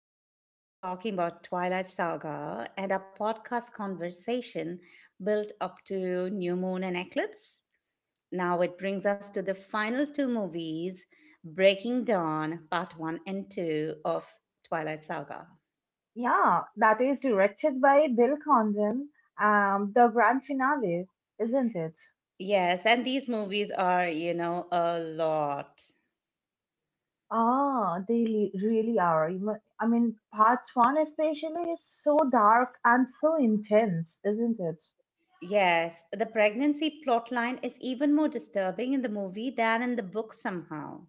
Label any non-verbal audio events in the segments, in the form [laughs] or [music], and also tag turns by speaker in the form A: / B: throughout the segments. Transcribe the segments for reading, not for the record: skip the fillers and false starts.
A: Previously, we were talking about Twilight Saga, and our podcast conversation built up to New Moon and Eclipse. Now it brings us to the final two movies, Breaking Dawn, Part 1 and 2 of Twilight Saga.
B: Yeah, that is directed by Bill Condon. The grand finale, isn't it?
A: Yes, and these movies are, a lot.
B: Ah, really are. I mean, part one especially is so dark and so intense, isn't it?
A: Yes, the pregnancy plotline is even more disturbing in the movie than in the book somehow.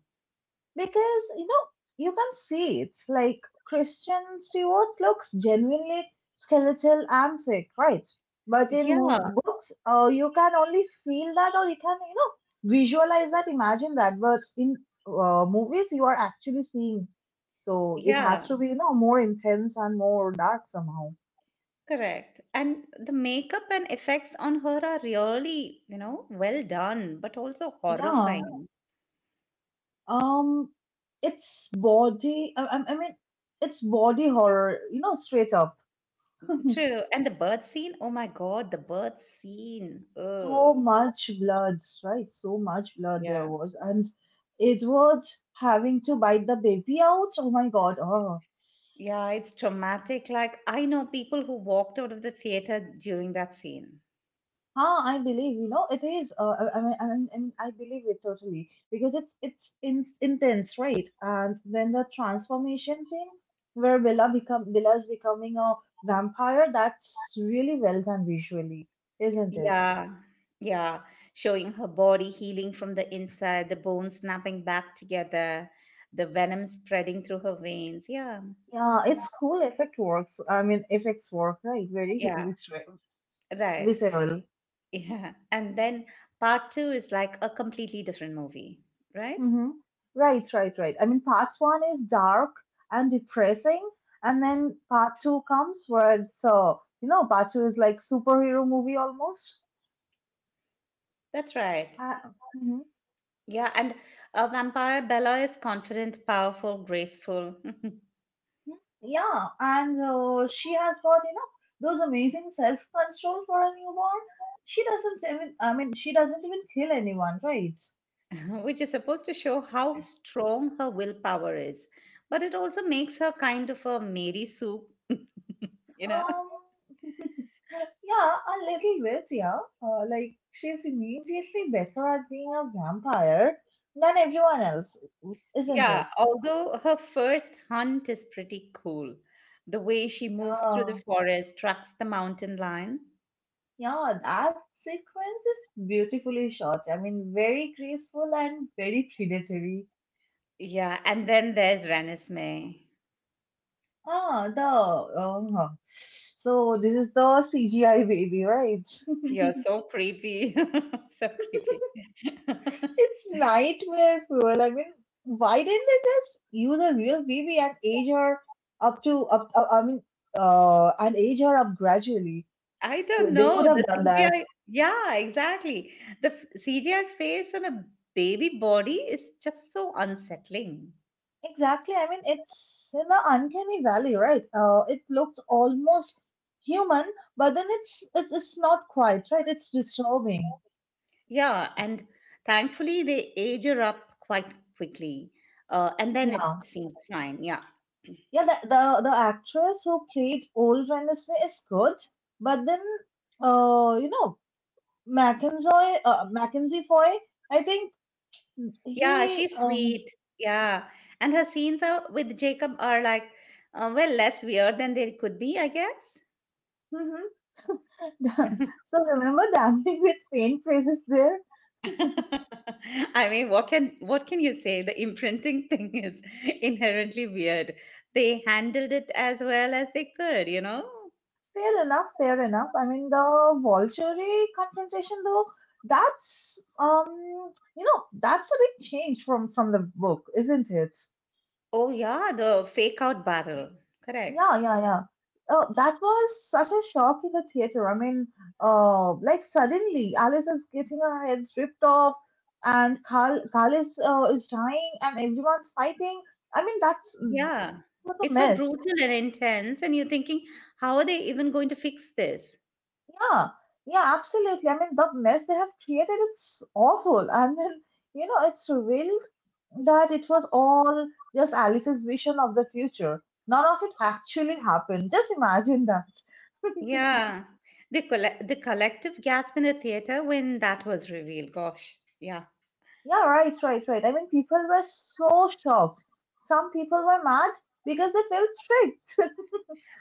B: Because you know you can see it's like Christian Stewart looks genuinely skeletal and sick, right? But in
A: Yeah,
B: books, you can only feel that, or you can visualize that, imagine that. But in movies, you are actually seeing, so it has
A: yeah,
B: to be more intense and more dark somehow.
A: correct. And the makeup and effects on her are really, well done, but also
B: Yeah.
A: horrifying.
B: Um, it's body. I mean, it's body horror. You know, straight up. [laughs]
A: True. And the birth scene, oh my God, the birth scene.
B: So
A: Ugh.
B: much blood, right? So much blood there
A: Yeah.
B: was, and it was having to bite the baby out. Oh my God! Oh,
A: Yeah, it's traumatic. Like, I know people who walked out of the theater during that scene.
B: huh, I believe it is. I mean, I believe it totally because it's intense, right? And then the transformation scene where Bella's becoming a vampire. That's really well done visually, isn't it?
A: Yeah, yeah. Showing her body healing from the inside, the bones snapping back together, the venom spreading through her veins. Yeah,
B: Yeah,
A: yeah,
B: it's effects work, right? Very
A: yeah,
B: visceral.
A: right.
B: Visceral.
A: Yeah. And then part two is like a completely different movie, right?
B: Mm-hmm. Right, right, right. I mean, part one is dark and depressing, and then part two comes where part two is like superhero movie almost.
A: That's right.
B: Uh, mhm.
A: Yeah. And a vampire Bella is confident, powerful, graceful.
B: Yeah, and she has got, those amazing self-control for a newborn.
A: [laughs]
B: She doesn't even kill anyone, right?
A: [laughs] Which is supposed to show how strong her willpower is. But it also makes her kind of a Mary Sue, [laughs] you know?
B: Um, Yeah, a little bit, yeah. Like, she's immediately better at being a vampire than everyone else, isn't
A: Yeah,
B: it?
A: although her first hunt is pretty cool. The way she moves through the
B: Yeah,
A: forest, tracks the mountain lion.
B: yeah, that sequence is beautifully shot. I mean, very graceful and very predatory.
A: Yeah, and then there's Renesmee.
B: Ah, the. So, this is the CGI baby, right?
A: You're so creepy. [laughs] So
B: [laughs]
A: creepy. [laughs]
B: It's nightmare fuel. I mean, why didn't they just use a real baby and age her up to up? Up- I mean, and age her up gradually.
A: I
B: So
A: don't
B: they could
A: know.
B: have
A: The
B: done that.
A: CGI, yeah, exactly. The CGI face on a baby body is just so unsettling.
B: Exactly. I mean, it's in the uncanny valley, right? It looks almost human, but then it's not quite right. It's disturbing.
A: Yeah, and thankfully they age her up quite quickly. And then it
B: Yeah,
A: seems fine. Yeah.
B: yeah. The, the actress who played old Wednesday is good, but then, uh, you know. Mackenzie, Mackenzie Foy, I think
A: Yeah,
B: he.
A: she's sweet. Yeah. And her scenes are, with Jacob are like, well, less weird than they could be, I guess.
B: Mhm.
A: [laughs]
B: [laughs] So remember dancing with faint phrases there?
A: [laughs] I mean, what can you say? The imprinting thing is [laughs] inherently weird. They handled it as well as they could, you know?
B: Fair enough, fair enough. I mean, the Volturi confrontation, though, that's um, that's a big change from the book, isn't it?
A: Oh yeah, the fake out battle. Correct.
B: Yeah, yeah, yeah. That was such a shock in the theater. I mean, like suddenly Alice is getting her head ripped off, and Carl is dying, and everyone's fighting. I mean,
A: Yeah.
B: what a
A: It's so
B: mess.
A: brutal and intense, and you're thinking, how are they even going to fix this?
B: Yeah, yeah, absolutely. I mean, the mess they have created, it's awful. And then, you know, it's revealed that it was all just Alice's vision of the future. None of it actually happened. Just imagine that. [laughs]
A: Yeah. The the collective gasp in the theater when that was revealed. Gosh, yeah.
B: Yeah, right, right, right. I mean, people were so shocked. Some people were mad because they felt tricked. [laughs]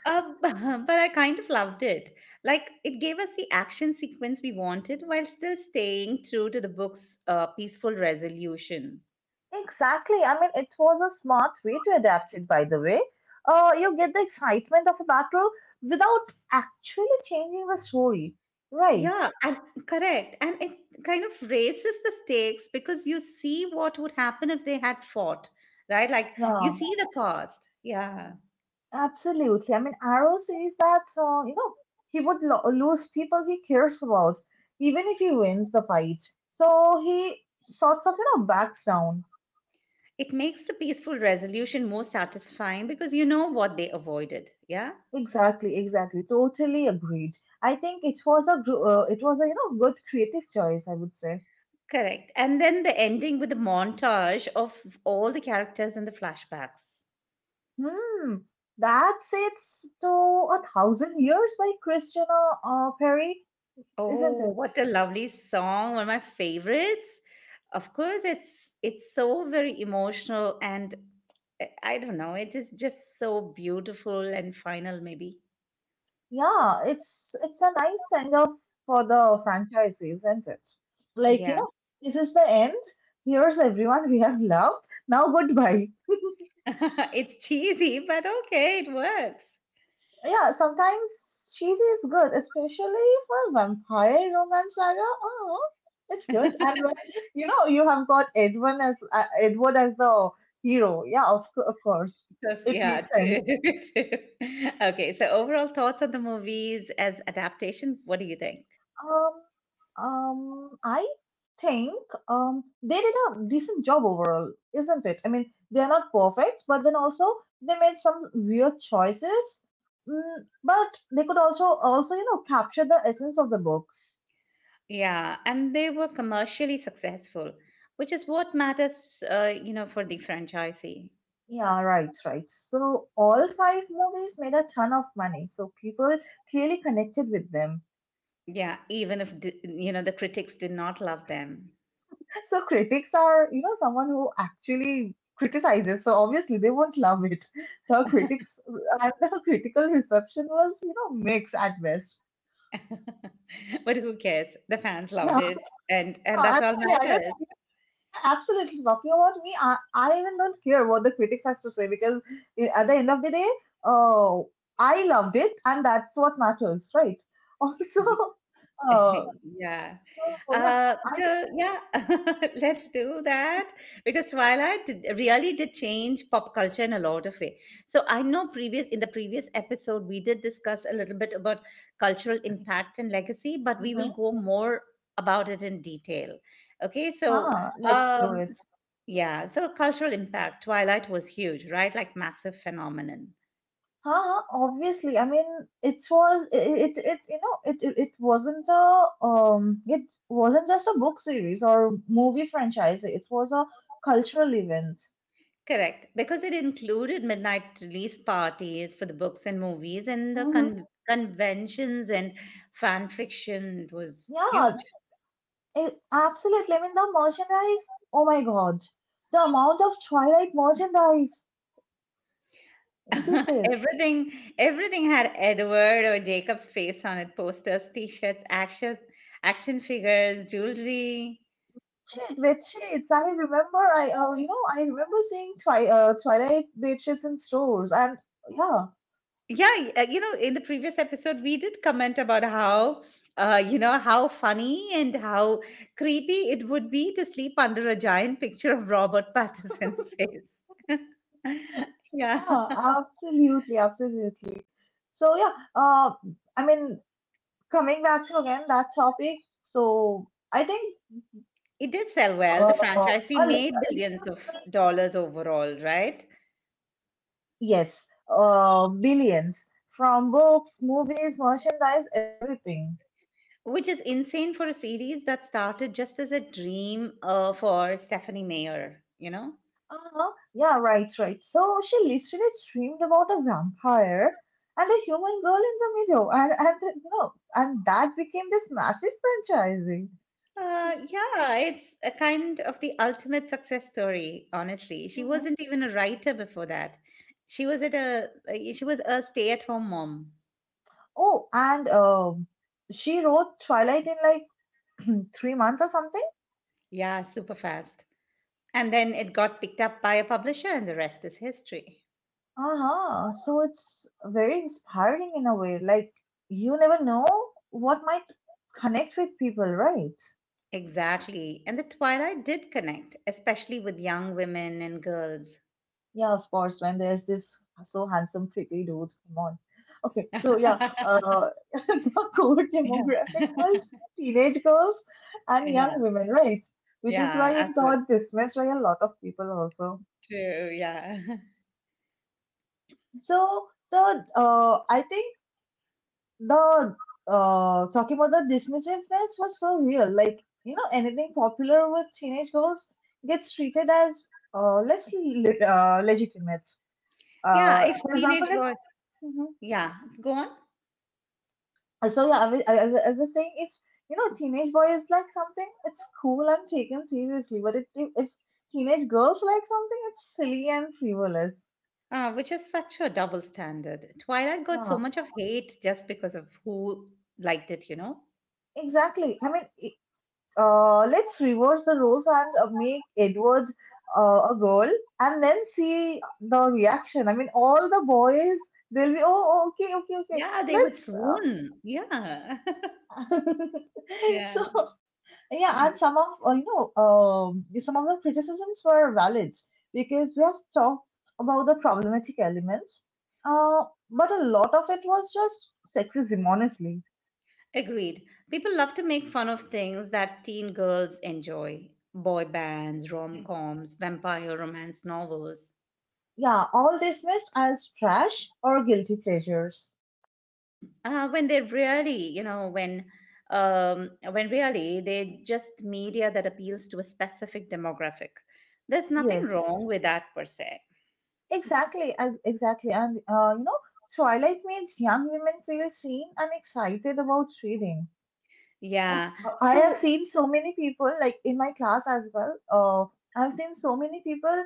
A: [laughs] But I kind of loved it. Like it gave us the action sequence we wanted while still staying true to the book's peaceful resolution.
B: Exactly. I mean, it was a smart way to adapt it, by the way. You get the excitement of a battle without actually changing the story. Right.
A: Yeah, and correct. And it kind of raises the stakes because you see what would happen if they had fought, right? Like you
B: Yeah,
A: see the cost. Yeah.
B: absolutely. I mean, Arrow says that, he would lose people he cares about, even if he wins the fight. So he sorts of, you know, backs down.
A: It makes the peaceful resolution more satisfying because you know what they avoided. Yeah,
B: Exactly, exactly. Totally agreed. I think it was a it was a good creative choice, I would say.
A: correct. And then the ending with the montage of all the characters in the flashbacks.
B: Hmm. That sits to a thousand years by Christina Perry, isn't
A: Oh,
B: it?
A: what a lovely song. One of my favorites. Of course, it's so very emotional, and I don't know, it is just so beautiful and final maybe.
B: Yeah, it's a nice send off for the franchise, isn't it? Like, you
A: Yeah.
B: know, this is the end. Here's everyone we have loved. Now goodbye.
A: [laughs] It's cheesy, but okay, it works.
B: Yeah, sometimes cheesy is good, especially for vampire romance saga. Oh, it's good. And
A: [laughs]
B: when, you know, you have got Edwin as Edward as the hero. Yeah, of of course,
A: Because
B: it
A: yeah,
B: makes
A: too.
B: sense.
A: [laughs] Two. Okay, so overall thoughts on the movies as adaptation, what do you think?
B: Um, I think they did a decent job overall, isn't it? I mean, they're not perfect, but then also they made some weird choices. Mm, but they could also capture the essence of the books.
A: Yeah, and they were commercially successful, which is what matters, for the franchisee.
B: Yeah, right, right. So all five movies made a ton of money. So people clearly connected with them.
A: Yeah, even if the critics did not love them.
B: [laughs] So critics are, you know, someone who actually criticizes. So obviously they won't love it. [laughs] The critics and [laughs] the critical reception was, you know, mixed at best.
A: [laughs] But who cares? The fans loved
B: Yeah,
A: it, and
B: [laughs]
A: and
B: no,
A: that's all
B: actually, I don't.
A: matters.
B: Absolutely, talking about me, I even don't care what the critics has to say because at the end of the day, uh, I loved it, and that's what matters, right? [laughs] Also,
A: Y-
B: uh,
A: [laughs] Yeah.
B: so yeah, I think
A: So yeah, [laughs] let's do that because Twilight did, really did change pop culture in a lot of way. So I know previous in the previous episode we did discuss a little bit about cultural impact and legacy, but we
B: mm-hmm.
A: will go more about it in detail. Okay, so
B: Ah, let's do
A: um,
B: it.
A: yeah, so cultural impact. Twilight was huge, right? Like massive phenomenon.
B: Huh. Obviously. I mean, it was it, it it you know it it it wasn't a it wasn't just a book series or movie franchise. It was a cultural event.
A: Correct, because it included midnight release parties for the books and movies and the
B: Mm-hmm.
A: conventions and fan fiction. It was huge.
B: Yeah, it, absolutely. I mean, the merchandise. Oh my God, the amount of Twilight merchandise, isn't
A: [laughs]
B: it?
A: Everything, everything had Edward or Jacob's face on it: posters, T-shirts, action figures, jewelry.
B: Bedsheets. I remember. I you know I remember seeing Twilight bedsheets in stores, and yeah,
A: Yeah, in the previous episode, we did comment about how, how funny and how creepy it would be to sleep under a giant picture of Robert Pattinson's face. [laughs] Yeah,
B: yeah, absolutely, absolutely. So yeah, I mean, coming back to again that topic. So I think
A: it did sell
B: uh,
A: well. The franchisee
B: I'll-
A: made billions of dollars overall, right?
B: yes, billions from books, movies, merchandise, everything.
A: Which is insane for a series that started just as a dream for Stephanie Mayer, you know?
B: Uh-huh. Yeah, right, right. So she literally dreamed about a vampire and a human girl in the middle, and you know, and that became this massive franchising.
A: Yeah, it's a kind of the ultimate success story, honestly. She
B: Mhm.
A: wasn't even a writer before that. She was a stay-at-home mom.
B: Oh, and she wrote Twilight in like [clears throat] 3 months or something.
A: Yeah, super fast. And then it got picked up by a publisher and the rest is history.
B: Uh-huh. So it's very inspiring in a way. Like, you never know what might connect with people, right?
A: Exactly. And the Twilight did connect, especially with young women and girls.
B: Yeah, of course, man. There's this so handsome, pretty dude. Come on. Okay, so yeah,
A: [laughs]
B: [laughs] the core
A: Yeah.
B: demographic
A: [laughs]
B: was teenage girls and young
A: Yeah.
B: women, right? Which is why
A: Yeah,
B: it
A: absolutely
B: got dismissed by a lot of people also.
A: true. Yeah. [laughs]
B: So the I think the talking about the dismissiveness was so real. Like, you know, anything popular with teenage girls gets treated as legitimate.
A: Yeah, if
B: For example,
A: teenage boys,
B: if
A: yeah, go on.
B: So yeah, I was, I was saying if you know teenage boy is like something, it's cool and taken seriously. But if teenage girls like something, it's silly and frivolous.
A: Which is such a double standard. Twilight got so
B: Yeah,
A: much of hate just because of who liked it, you know?
B: exactly. Uh, let's reverse the roles and make Edward a girl, and then see the reaction. I mean, all the boys they'll be oh okay.
A: Yeah, they would
B: Let's
A: swoon. Yeah. [laughs]
B: uh, [laughs]
A: Yeah.
B: so yeah, and some of some of the criticisms were valid because we have talked about the problematic elements, uh, but a lot of it was just sexism, honestly.
A: Agreed. People love to make fun of things that teen girls enjoy boy bands, rom coms, vampire romance novels.
B: Yeah, all dismissed as trash or guilty pleasures.
A: When they're really, you know, when. When really they're just media that appeals to a specific demographic. There's nothing wrong
B: Yes,
A: with that per se.
B: exactly, and you know, Twilight made young women feel seen and excited about reading. And
A: Yeah.
B: I have
A: So,
B: seen so many people, like in my class as well. I've seen so many people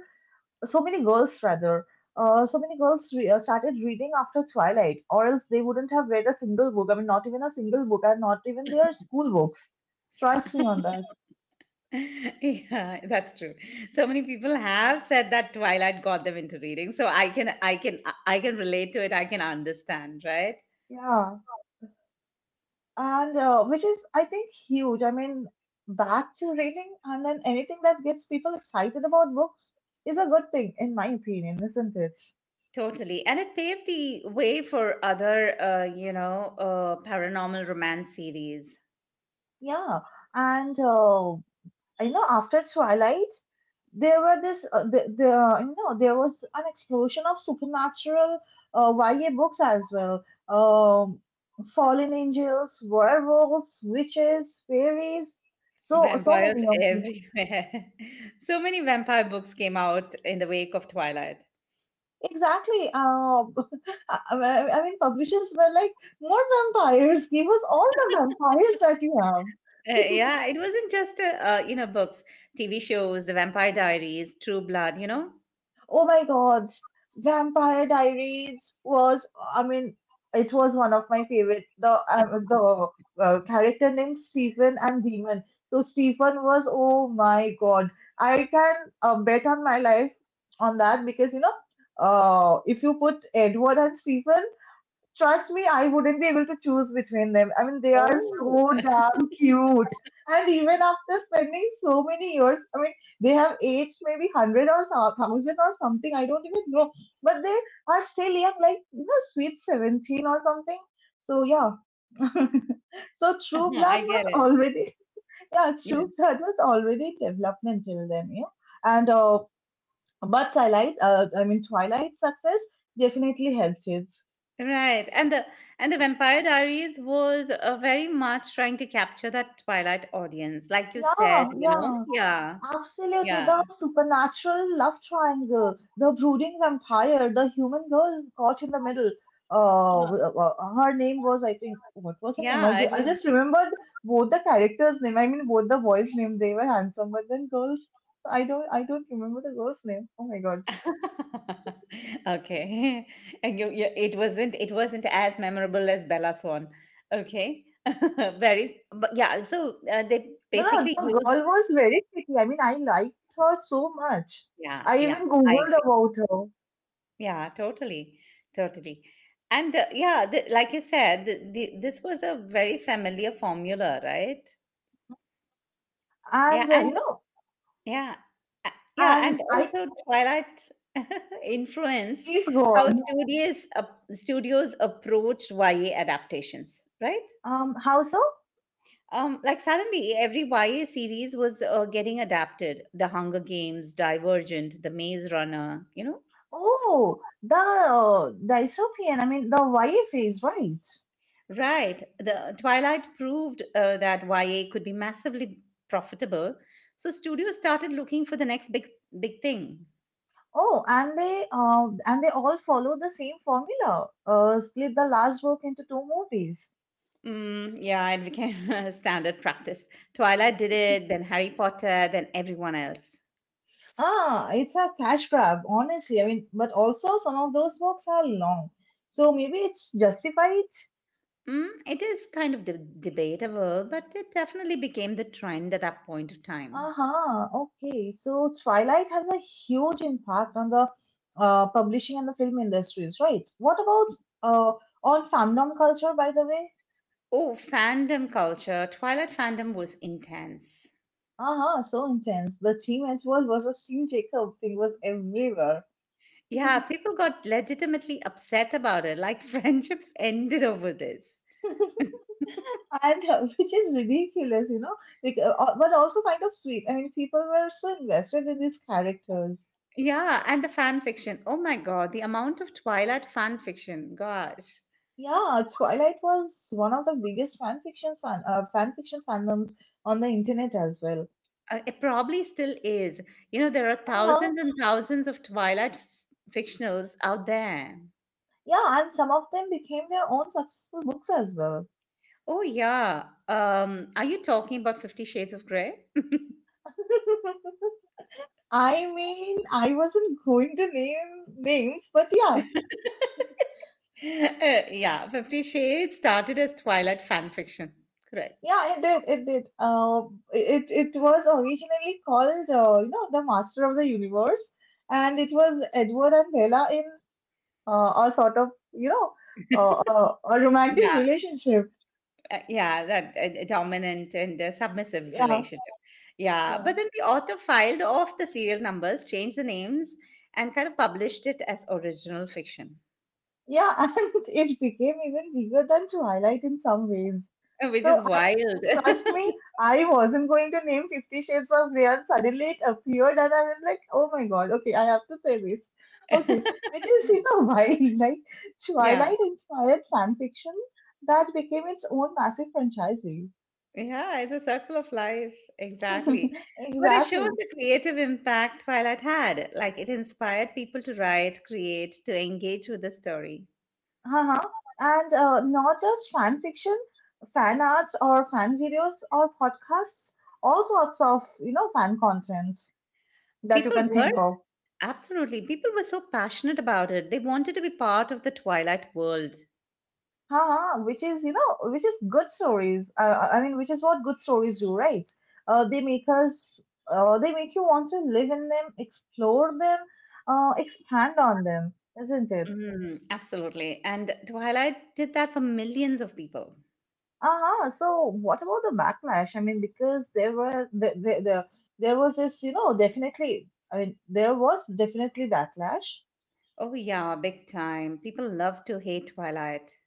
B: so many girls rather so many girls started reading after Twilight or else they wouldn't have read a single book. I mean, not even a single book, and not even their school books. Trust me on that.
A: [laughs] yeah, that's true. So many people have said that Twilight got them into reading. So I can relate to it. I can understand, right?
B: Yeah, and which is I think huge. I mean, back to reading, and then anything that gets people excited about books is a good thing, in my opinion, isn't it?
A: Totally. And it paved the way for other, paranormal romance series.
B: Yeah, and you know, after Twilight there were this the you know there was an explosion of supernatural YA books as well. Um, fallen angels, werewolves, witches, fairies, so
A: Vampires
B: many of them.
A: everywhere. [laughs] So many vampire books came out in the wake of Twilight.
B: Exactly. [laughs] I mean, publishers were like, more vampires. Give us all the vampires that you have.
A: Yeah, it wasn't just, books, TV shows, The Vampire Diaries, True Blood, you know?
B: Oh my God, Vampire Diaries was, I mean, it was one of my favorite.
A: [laughs]
B: The Character named Stephen and Demon. So Stephen was, oh my God, I can bet on my life on that because you know, if you put Edward and Stephen, trust me, I wouldn't be able to choose between them. I mean, they are
A: Oh,
B: so damn cute. And even after spending so many years, I mean, they have aged maybe 100 or 1000 or something, I don't even know. But they are still young, like, you know, sweet 17 or something. So, yeah. [laughs] So
A: [laughs]
B: True Blood
A: I
B: was
A: get it.
B: already [laughs] yeah,
A: Yeah.
B: True Blood was already development till then, you know. And but Twilight's success definitely helped it.
A: Right. And the Vampire Diaries was very much trying to capture that Twilight audience, like you said,
B: Yeah,
A: you know?
B: yeah,
A: Yeah.
B: absolutely,
A: Yeah.
B: the supernatural love triangle, the brooding vampire, the human girl caught in the middle.
A: Yeah,
B: Her name was, I think, what was her name?
A: yeah, it
B: I
A: was
B: just remembered both the characters' name. I mean, both the boys' name. They were handsome, but then girls, I don't remember the girl's name. Oh my God!
A: [laughs] okay. [laughs] And you it wasn't as memorable as Bella Swan. Okay. [laughs] Very but yeah, so they
B: No,
A: basically
B: no, the
A: used
B: girl was very pretty. I mean, I liked her so much.
A: yeah,
B: I
A: yeah.
B: even
A: I
B: googled
A: agree.
B: about her,
A: Yeah, totally, totally. And yeah, like you said, this was a very familiar formula, right? Yeah,
B: and you
A: and
B: know,
A: yeah, a- yeah,
B: and
A: and
B: I
A: also Twilight [laughs] influenced
B: please go
A: how
B: on.
A: studios approached YA adaptations, right?
B: How so?
A: Like suddenly every YA series was getting adapted. The Hunger Games, Divergent, The Maze Runner, you know?
B: Oh, the dystopian, I mean the YA phase, right?
A: Right. The Twilight proved that YA could be massively profitable, so studios started looking for the next big thing.
B: Oh, and they all follow the same formula. Split the last book into two movies.
A: Mm, yeah, it became [laughs] a standard practice. Twilight did it, then Harry Potter, then everyone else.
B: Ah, it's a cash grab, honestly. I mean, but also some of those books are long, so maybe it's justified.
A: Mm, it is kind of debatable, but it definitely became the trend at that point of time.
B: Uh-huh. Okay, so Twilight has a huge impact on the publishing and the film industries, right? What about uh, on fandom culture, by the way?
A: Oh, fandom culture. Twilight fandom was intense.
B: Uh huh. So intense. The team at work versus Team Jacob thing was everywhere.
A: Yeah, people got legitimately upset about it, like [laughs] friendships ended over this.
B: And [laughs] which is ridiculous, you know, but also kind of sweet. I mean, people were so invested in these characters.
A: Yeah, and the fan fiction. Oh my God, the amount of Twilight fan fiction. Gosh,
B: Yeah, Twilight was one of the biggest fan fiction fandoms on the internet as well.
A: it probably still is. You know, there are
B: Uh-huh.
A: thousands and thousands of Twilight fictionals out there.
B: Yeah, and some of them became their own successful books as well. [laughs]
A: Oh yeah. Are you talking about Fifty Shades of Grey? [laughs]
B: I mean, I wasn't going to name names, but yeah,
A: Yeah, Fifty Shades started as Twilight fan fiction. Correct.
B: yeah, it did. It did. It was originally called, the Master of the Universe, and it was Edward and Bella in a sort of, uh, a romantic
A: Yeah,
B: relationship.
A: Yeah, that dominant and submissive
B: Yeah,
A: relationship. Yeah,
B: yeah.
A: but then the author filed off the serial numbers, changed the names, and kind of published it as original fiction.
B: Yeah, [laughs] and it became even bigger than Twilight in some ways.
A: [laughs] Which
B: So
A: is
B: I
A: wild.
B: Trust me, I wasn't going to name Fifty Shades of Grey, and suddenly it appeared, and I was like, "Oh my God, okay, I have to say this." Okay, which is you know [laughs] wild. Like
A: [laughs] Yeah,
B: Twilight inspired fan fiction that became its own massive franchise.
A: yeah, it's a circle of life. Exactly.
B: [laughs]
A: But it shows
B: Exactly.
A: the creative impact Twilight had. Like it inspired people to write, create, to engage with the story.
B: Uh-huh. And not just fan fiction, fan arts or fan videos or podcasts, all sorts of, you know, fan content that you
A: People
B: can
A: were,
B: think of.
A: Absolutely, people were so passionate about it. They wanted to be part of the Twilight world.
B: Uh-huh. Which is, you know, which is good stories. I mean, which is what good stories do, right? Uh, they make us, they make you want to live in them, explore them, expand on them, isn't it?
A: Mm, absolutely. And Twilight did that for millions of people.
B: Uh-huh. So what about the backlash? I mean, because there were the there was this, you know, definitely. I mean, there was definitely backlash.
A: Oh, yeah, big time. People love to hate Twilight.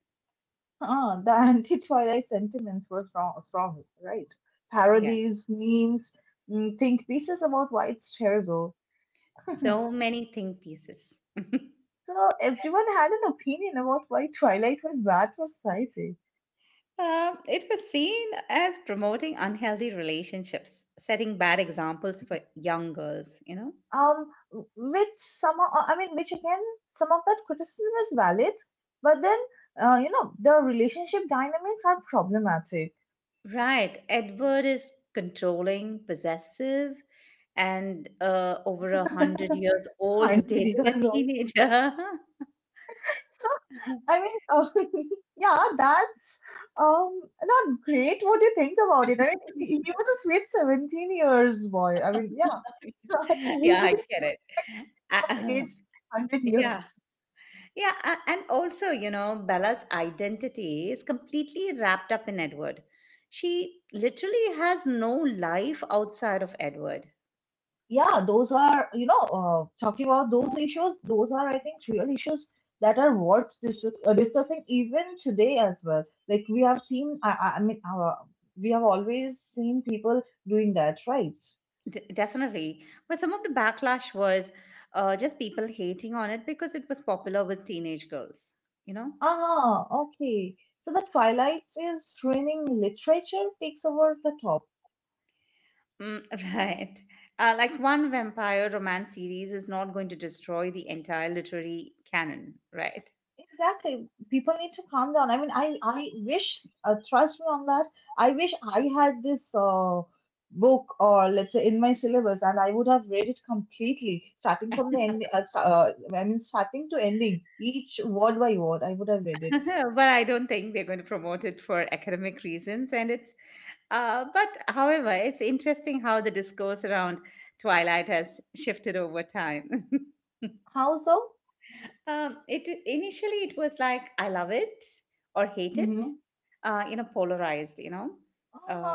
B: The [laughs] anti-Twilight sentiments were strong, strong, right?
A: Yeah,
B: Parodies, memes, think pieces about why it's terrible.
A: so many think pieces. [laughs]
B: So everyone had an opinion about why Twilight was bad for society.
A: It was seen as promoting unhealthy relationships, setting bad examples for young girls, you know?
B: Um which some o- I mean which again some of that criticism is valid but then you know the relationship dynamics are problematic.
A: Right. Edward is controlling, possessive, and over a
B: [laughs]
A: hundred years old,
B: I know
A: [laughs] dating
B: you
A: a
B: all.
A: teenager.
B: so i mean uh, [laughs] yeah that's um not great. What do you think about it? I mean he
A: [laughs]
B: was a sweet 17 years boy, I mean,
A: [laughs]
B: yeah. [laughs] He would
A: Yeah,
B: have
A: I get
B: been
A: it.
B: at
A: Uh,
B: age 100
A: [laughs] yeah,
B: years.
A: yeah, and also, you know, Bella's identity is completely wrapped up in Edward. She literally has no life outside of Edward.
B: Yeah, those are, you know, talking about those issues, those are, I think, real issues that are worth discussing even today as well. Like we have seen, we have always seen people doing that, right?
A: Definitely. But some of the backlash was just people hating on it because it was popular with teenage girls, you know?
B: Ah, okay. So the Twilight is ruining literature takes over the...
A: Mm, [laughs] right. Like one vampire romance series is not going to destroy the entire literary canon, right?
B: Exactly. People need to calm down. I mean, trust me on that. I wish I had this book or let's say in my syllabus, and I would have read it completely, starting from the end. Starting to ending, each word by word, I would have read
A: [laughs]
B: it.
A: But I don't think they're going to promote it for academic reasons. And it's, but however, it's interesting how the discourse around Twilight has shifted over time. [laughs]
B: How so?
A: It initially it was like I love it or hate it,
B: Mm-hmm.
A: polarized.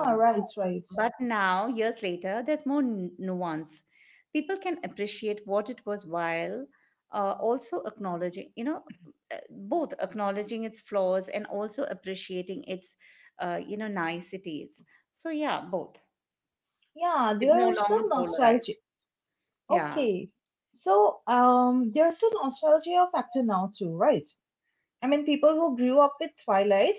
B: Ah, right, right.
A: but now, years later, there's more nuance. People can appreciate what it was while also acknowledging, both acknowledging its flaws and also appreciating its, niceties. So, yeah, both.
B: Yeah,
A: It's no
B: there's some
A: longer
B: nostalgia.
A: polarized. Yeah,
B: Okay. So, there's a nostalgia factor now too, right? I mean, people who grew up with Twilight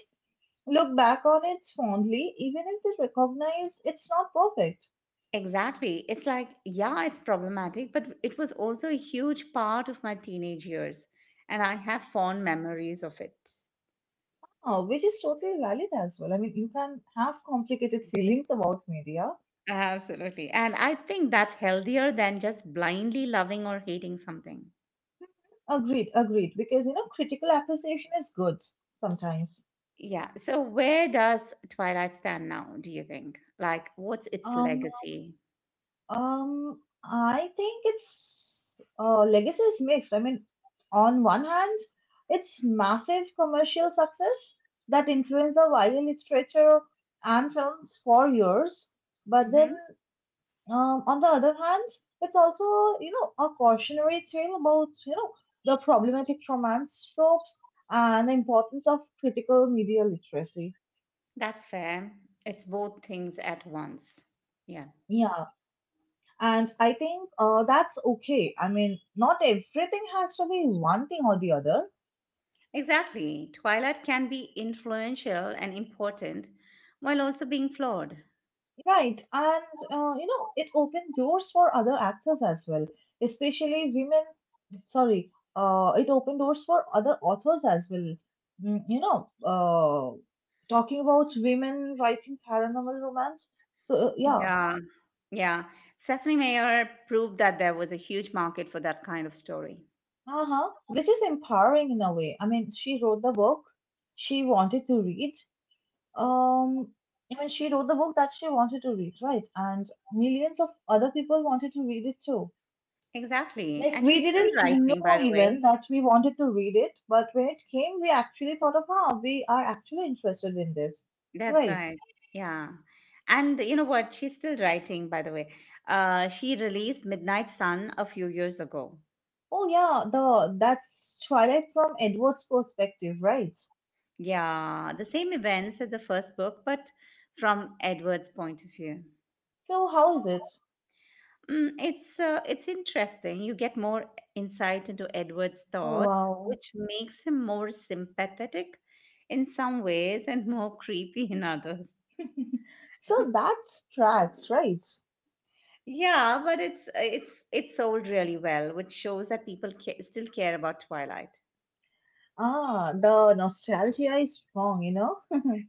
B: look back on it fondly, even if they recognize it's not perfect,
A: exactly. It's like, yeah, it's problematic, but it was also a huge part of my teenage years, and I have fond memories of it.
B: which is totally valid as well. I mean, you can have complicated feelings about media.
A: Absolutely. And I think that's healthier than just blindly loving or hating something.
B: Agreed, agreed. Because you know, critical appreciation is good sometimes.
A: Yeah. So where does Twilight stand now, do you think? Like what's its
B: Um,
A: legacy?
B: I think it's legacy is mixed. I mean, on one hand, it's massive commercial success that influenced the YA literature and films for years, but then...
A: Hmm.
B: On the other hand, it's also, you know, a cautionary tale about, you know, the problematic romance tropes and the importance of critical media literacy.
A: That's fair. It's both things at once. Yeah.
B: Yeah, and I think that's okay. I mean, not everything has to be one thing or the other.
A: Exactly. Twilight can be influential and important while also being flawed.
B: Right, and it opened doors for other actors as well, especially women. Sorry, it opened doors for other authors as well. You know, talking about women writing paranormal romance. So, uh, yeah,
A: Yeah, Yeah. Stephanie Meyer proved that there was a huge market for that kind of story.
B: uh-huh, which is empowering in a way. I mean, she wrote the book she wanted to read. Um, I mean, she wrote the book that she wanted to read, right? And millions of other people wanted to read it too.
A: Exactly.
B: Like
A: And
B: we
A: she's still
B: didn't
A: writing,
B: know
A: by the way.
B: even that we wanted to read it, but when it came, we actually thought of how we are actually interested in this.
A: That's
B: Right.
A: right. Yeah. And you know what? She's still writing, by the way. She released Midnight Sun a few years ago.
B: Oh yeah, the that's Twilight from Edward's perspective, right?
A: Yeah, the same events as the first book, but from Edward's point of view.
B: So how is it?
A: It's interesting. You get more insight into Edward's
B: Oh
A: thoughts,
B: wow.
A: which makes him more sympathetic in some ways and more [laughs] creepy in others.
B: So that's tracks, right?
A: Yeah, but it's sold really well, which shows that people still care about Twilight.
B: Ah, the nostalgia is strong, you know?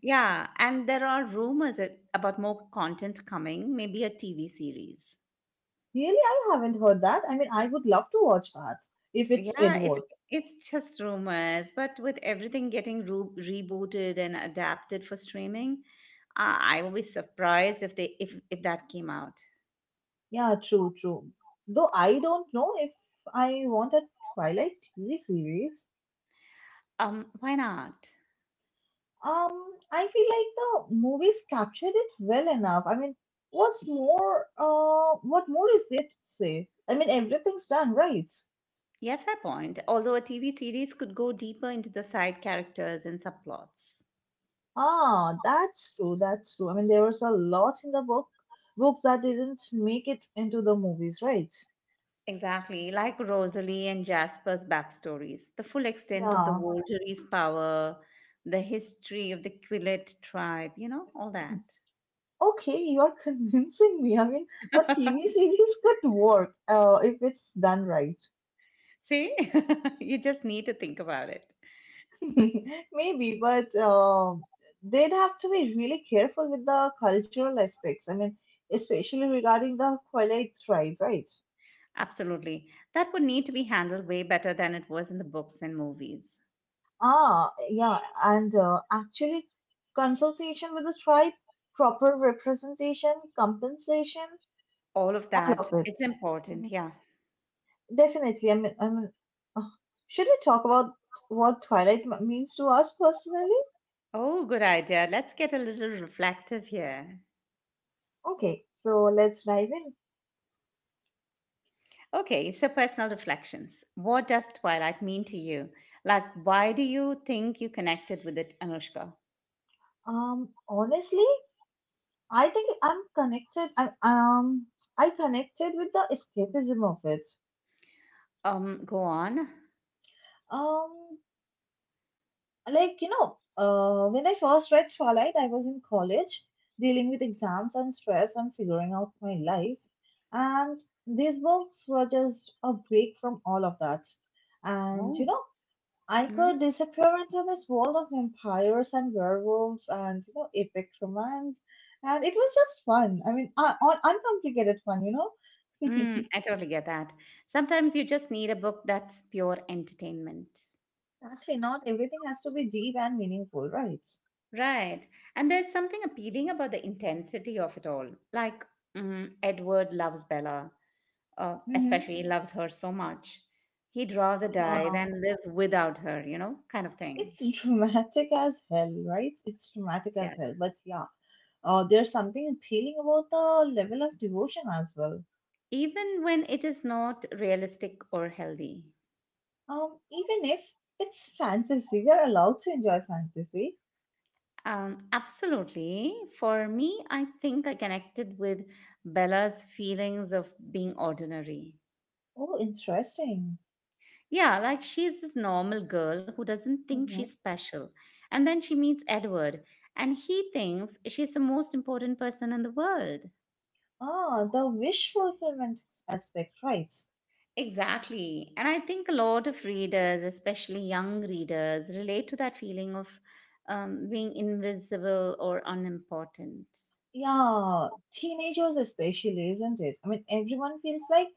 A: Yeah, and there are rumors about more content coming, maybe a TV series.
B: Really, I haven't heard that. I mean, I would love to watch that if it's
A: Yeah, it's
B: Edward.
A: it's just rumors, but with everything getting rebooted and adapted for streaming, I will be surprised if they if that came out.
B: Yeah, true, true. Though I don't know if I want a Twilight TV series.
A: Why not?
B: I feel like the movies captured it well enough. I mean, what more is there to say? I mean, everything's done right.
A: Yeah, fair point. Although a TV series could go deeper into the side characters and subplots.
B: Ah, that's true. That's true. I mean, there was a lot in the book that didn't make it into the movies, right?
A: Exactly, like Rosalie and Jasper's backstories, the full extent of the
B: Yeah.
A: Volturi's power, the history of the Quillet tribe, you know, all that.
B: Okay, you're [laughs] convincing me. I mean, a TV
A: [laughs]
B: series could work, if it's done right.
A: See, [laughs] you just need to think about it.
B: [laughs] Maybe, but they'd have to be really careful with the cultural aspects. I mean, especially regarding the twilight tribe, right?
A: Absolutely. That would need to be handled way better than it was in the books and movies.
B: Ah, yeah, and actually, consultation with the tribe, proper representation, compensation,
A: All of
B: all
A: that,
B: of it.
A: it's important,
B: Mhm.
A: yeah.
B: Definitely. Uh, should we talk about what Twilight means to us personally?
A: Oh, good idea. Let's get a little reflective here.
B: Okay, so let's dive in.
A: Okay, so personal reflections. What does Twilight mean to you? Like, why do you think you connected with it, Anushka?
B: Honestly, I think I'm connected. I connected with the escapism of it.
A: Go on.
B: Um, like you know, when I first read Twilight, I was in college, dealing with exams and stress and figuring out my life, and these books were just a break from all of that. And you
A: Oh,
B: know, I
A: mm,
B: could disappear into this world of vampires and werewolves and you know, epic romance, and it was just fun. I mean, uncomplicated fun, you know. [laughs]
A: I totally get that. Sometimes you just need a book that's pure entertainment.
B: Actually, not everything has to be deep and meaningful, right?
A: Right. And there's something appealing about the intensity of it all. Like, mm, Edward loves Bella.
B: Mm-hmm.
A: Especially loves her so much, he'd rather die
B: Yeah,
A: than live without her, you know, kind of thing.
B: it's dramatic as hell, right? It's dramatic
A: Yeah.
B: as hell, but yeah, there's something appealing about the level of devotion as well.
A: Even when it is not realistic or healthy.
B: Even if it's fantasy, we are allowed to enjoy fantasy.
A: Absolutely. For me, I think I connected with Bella's feelings of being ordinary.
B: Oh, interesting.
A: Yeah, like she's this normal girl who doesn't think
B: Mm-hmm.
A: she's special. And then she meets Edward, and he thinks she's the most important person in the world.
B: Ah, the wish fulfillment aspect, right?
A: Exactly. And I think a lot of readers, especially young readers, relate to that feeling of being invisible or unimportant.
B: Yeah, teenagers especially, isn't it? I mean, everyone feels like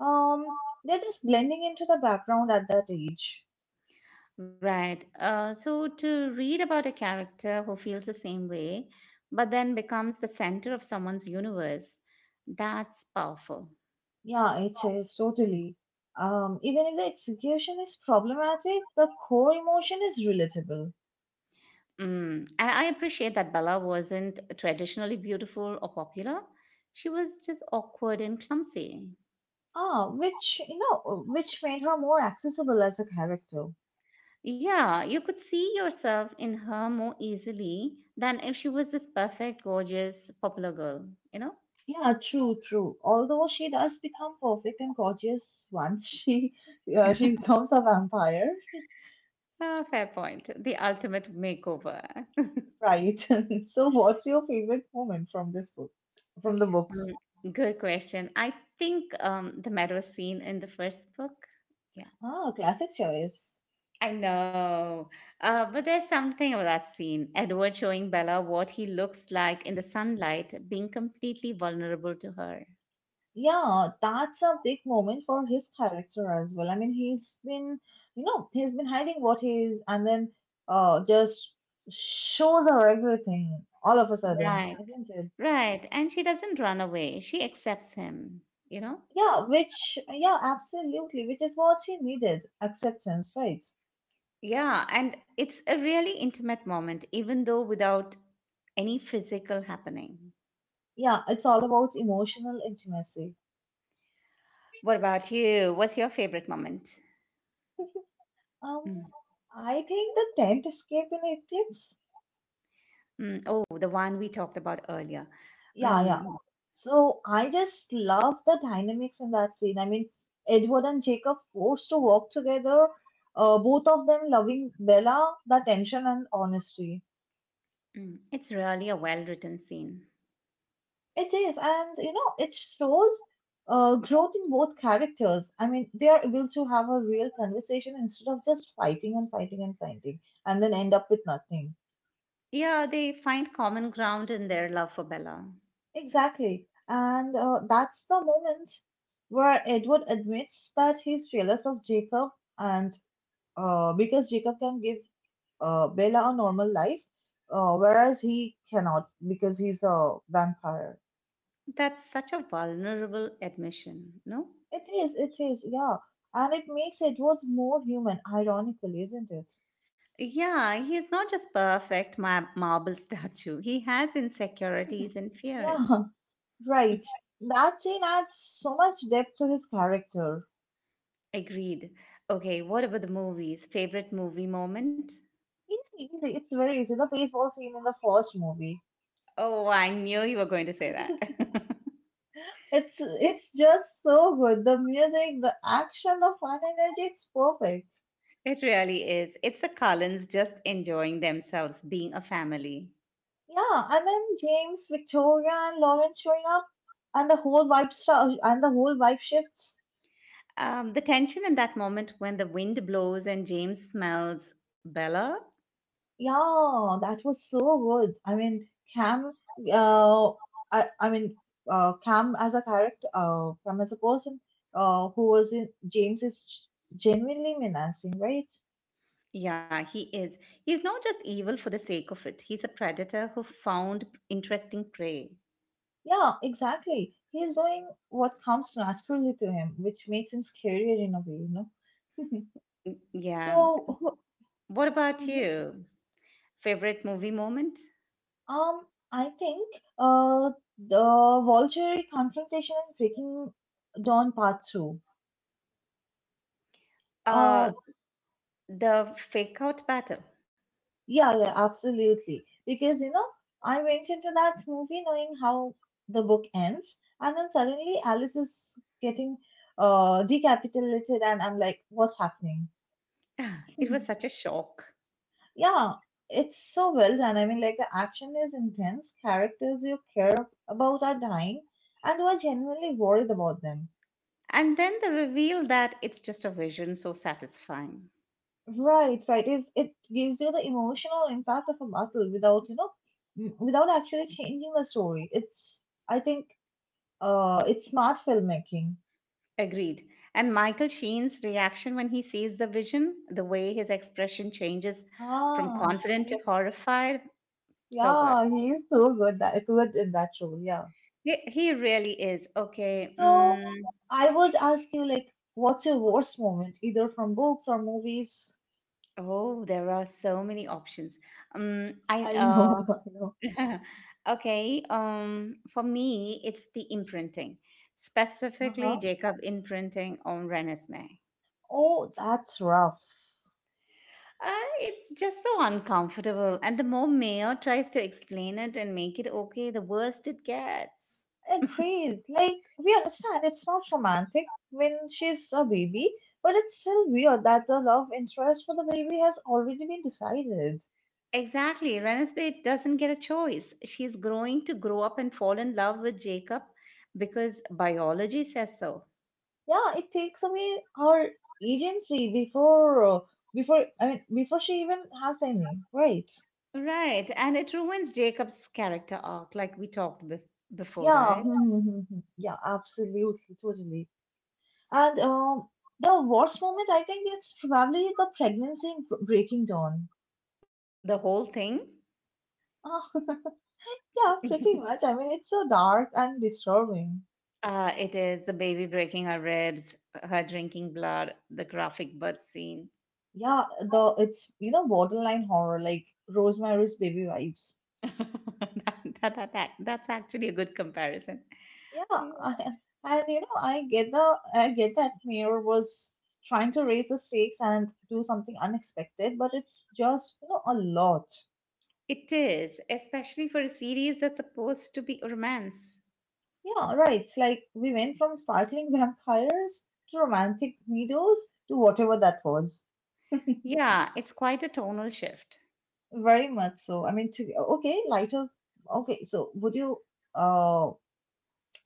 B: um they're just blending into the background at that age.
A: Right. So to read about a character who feels the same way, but then becomes the center of someone's universe, that's powerful.
B: Yeah, it is totally. Even if the execution is problematic, the core emotion is relatable.
A: Mm. And I appreciate that Bella wasn't traditionally beautiful or popular. She was just awkward and clumsy.
B: Ah, which you know, which made her more accessible as a character.
A: Yeah, you could see yourself in her more easily than if she was this perfect, gorgeous, popular girl, you know?
B: Yeah, true, true. Although she does become perfect and gorgeous once she [laughs] she
A: [laughs]
B: becomes a vampire.
A: Ah, fair point. The ultimate makeover.
B: Right. [laughs] So, what's your favorite moment from this book? From the books?
A: Um, [laughs] Good question. I think the meadow scene in the first book. Yeah,
B: Ah, classic choice.
A: I know. But there's something about that scene. Edward showing Bella what he looks like in the sunlight, being completely vulnerable to her.
B: Yeah, that's a big moment for his character as well. I mean, he's been hiding what he is, and then just shows her everything all of a sudden,
A: Right.
B: isn't it?
A: Right. And she doesn't run away. She accepts him, you know?
B: Yeah, which, yeah, absolutely, which is what he needed. Acceptance, right?
A: Yeah, and it's a really intimate moment, even though without any physical happening.
B: Yeah, it's all about emotional intimacy.
A: What about you? What's your favorite moment?
B: Um,
A: Mm.
B: I think the tent escape in Eclipse.
A: Mm, oh, the one we talked about earlier.
B: Yeah,
A: Mm,
B: yeah. So I just love the dynamics in that scene. I mean, Edward and Jacob forced to work together, both of them loving Bella, the tension and honesty.
A: it's really a well written scene.
B: It is, and you know, it shows growth in both characters. I mean, they are able to have a real conversation instead of just fighting and fighting and fighting and then end up with nothing.
A: Yeah, they find common ground in their love for Bella.
B: Exactly. And that's the moment where Edward admits that he's jealous of Jacob and because Jacob can give Bella a normal life, whereas he cannot because he's a vampire.
A: That's such a vulnerable admission, no?
B: It is, yeah. And it makes Edward more human, ironically, isn't it?
A: Yeah, he is not just perfect marble [laughs] statue. He has insecurities and fears.
B: Yeah, [laughs] right. That scene adds so much depth to his character.
A: Agreed. Okay, what about the movies? Favorite movie moment?
B: Easy, easy. It's very easy. The paintball scene in the first movie.
A: Oh, I knew you were going to say that.
B: [laughs]
A: [laughs]
B: It's just so good. The music, the action, the fun energy, it's perfect.
A: It really is. It's the Cullens just enjoying themselves, being a family.
B: Yeah, and then James, Victoria, and Lauren showing up, and the whole vibe shifts.
A: The tension in that moment when the wind blows and James smells Bella.
B: Yeah, that was so good. I mean, Cam, uh, I, I mean, Cam as a character, Cam as a person, who was in James is genuinely menacing, right?
A: Yeah, he is. He's not just evil for the sake of it, he's a predator who found interesting prey.
B: Yeah, exactly. He's doing what comes naturally to him, which makes him scarier in a way, you know. [laughs]
A: Yeah.
B: So,
A: What, what about you? Favorite movie moment?
B: Um, I think uh, the voluntary confrontation and breaking down part two.
A: Uh,
B: Uh,
A: the fake out battle. [laughs]
B: yeah, yeah, absolutely. Because you know, I went into that movie knowing how the book ends, and then suddenly Alice is getting decapitated, and I'm like, what's happening?
A: [sighs] It was
B: [laughs]
A: such a shock.
B: Yeah, it's so well done. I mean, like the action is intense, characters you care about are dying, and you are genuinely worried about them.
A: And then the reveal that it's just a vision, so satisfying.
B: Right, right. Is it gives you the emotional impact of a battle without, you know, without actually changing the story. It's, I think, it's smart filmmaking.
A: Agreed. And Michael Sheen's reaction when he sees the vision, the way his expression changes from
B: Ah,
A: confident to
B: he's
A: horrified, so good.
B: Yeah, he's so good in that role. Yeah.
A: He really is. Okay.
B: So
A: Mm,
B: I would ask you, like, what's your worst moment, either from books or movies?
A: oh, there are so many options.
B: [laughs] I know,
A: I
B: [laughs] I know.
A: uh, [laughs] okay. For me, it's the imprinting, specifically
B: Uh-huh.
A: Jacob imprinting on Renesmee.
B: Oh, that's rough.
A: Uh, it's just so uncomfortable. And the more Mayor tries to explain it and make it okay, the worse it gets. [laughs]
B: Agreed. Like, we understand it's not romantic when she's a baby, but it's still weird that the love interest for the baby has already been decided.
A: Exactly. Renesmee doesn't get a choice. She's growing to grow up and fall in love with Jacob because biology says so.
B: Yeah, it takes away her agency before she even has any, right?
A: Right. And it ruins Jacob's character arc, like we talked before,
B: Yeah,
A: right?
B: [laughs] yeah, absolutely, totally. And The worst moment, I think, is probably the pregnancy breaking down.
A: The whole thing.
B: [laughs] Yeah, pretty much. I mean, it's so dark and disturbing.
A: It is the baby breaking her ribs, her drinking blood, the graphic birth scene.
B: Yeah, the it's you know borderline horror like Rosemary's Baby vibes.
A: [laughs] That's actually a good comparison.
B: Yeah,
A: Yeah.
B: I, and you know I get that Mayor was trying to raise the stakes and do something unexpected, but it's just you know a lot.
A: It is, especially for a series that's supposed to be a romance.
B: Yeah, right. Like we went from sparkling vampires to romantic meadows to whatever that was.
A: Yeah, it's quite a tonal shift.
B: Very much so. I mean, to okay, lighter. Okay, so would you uh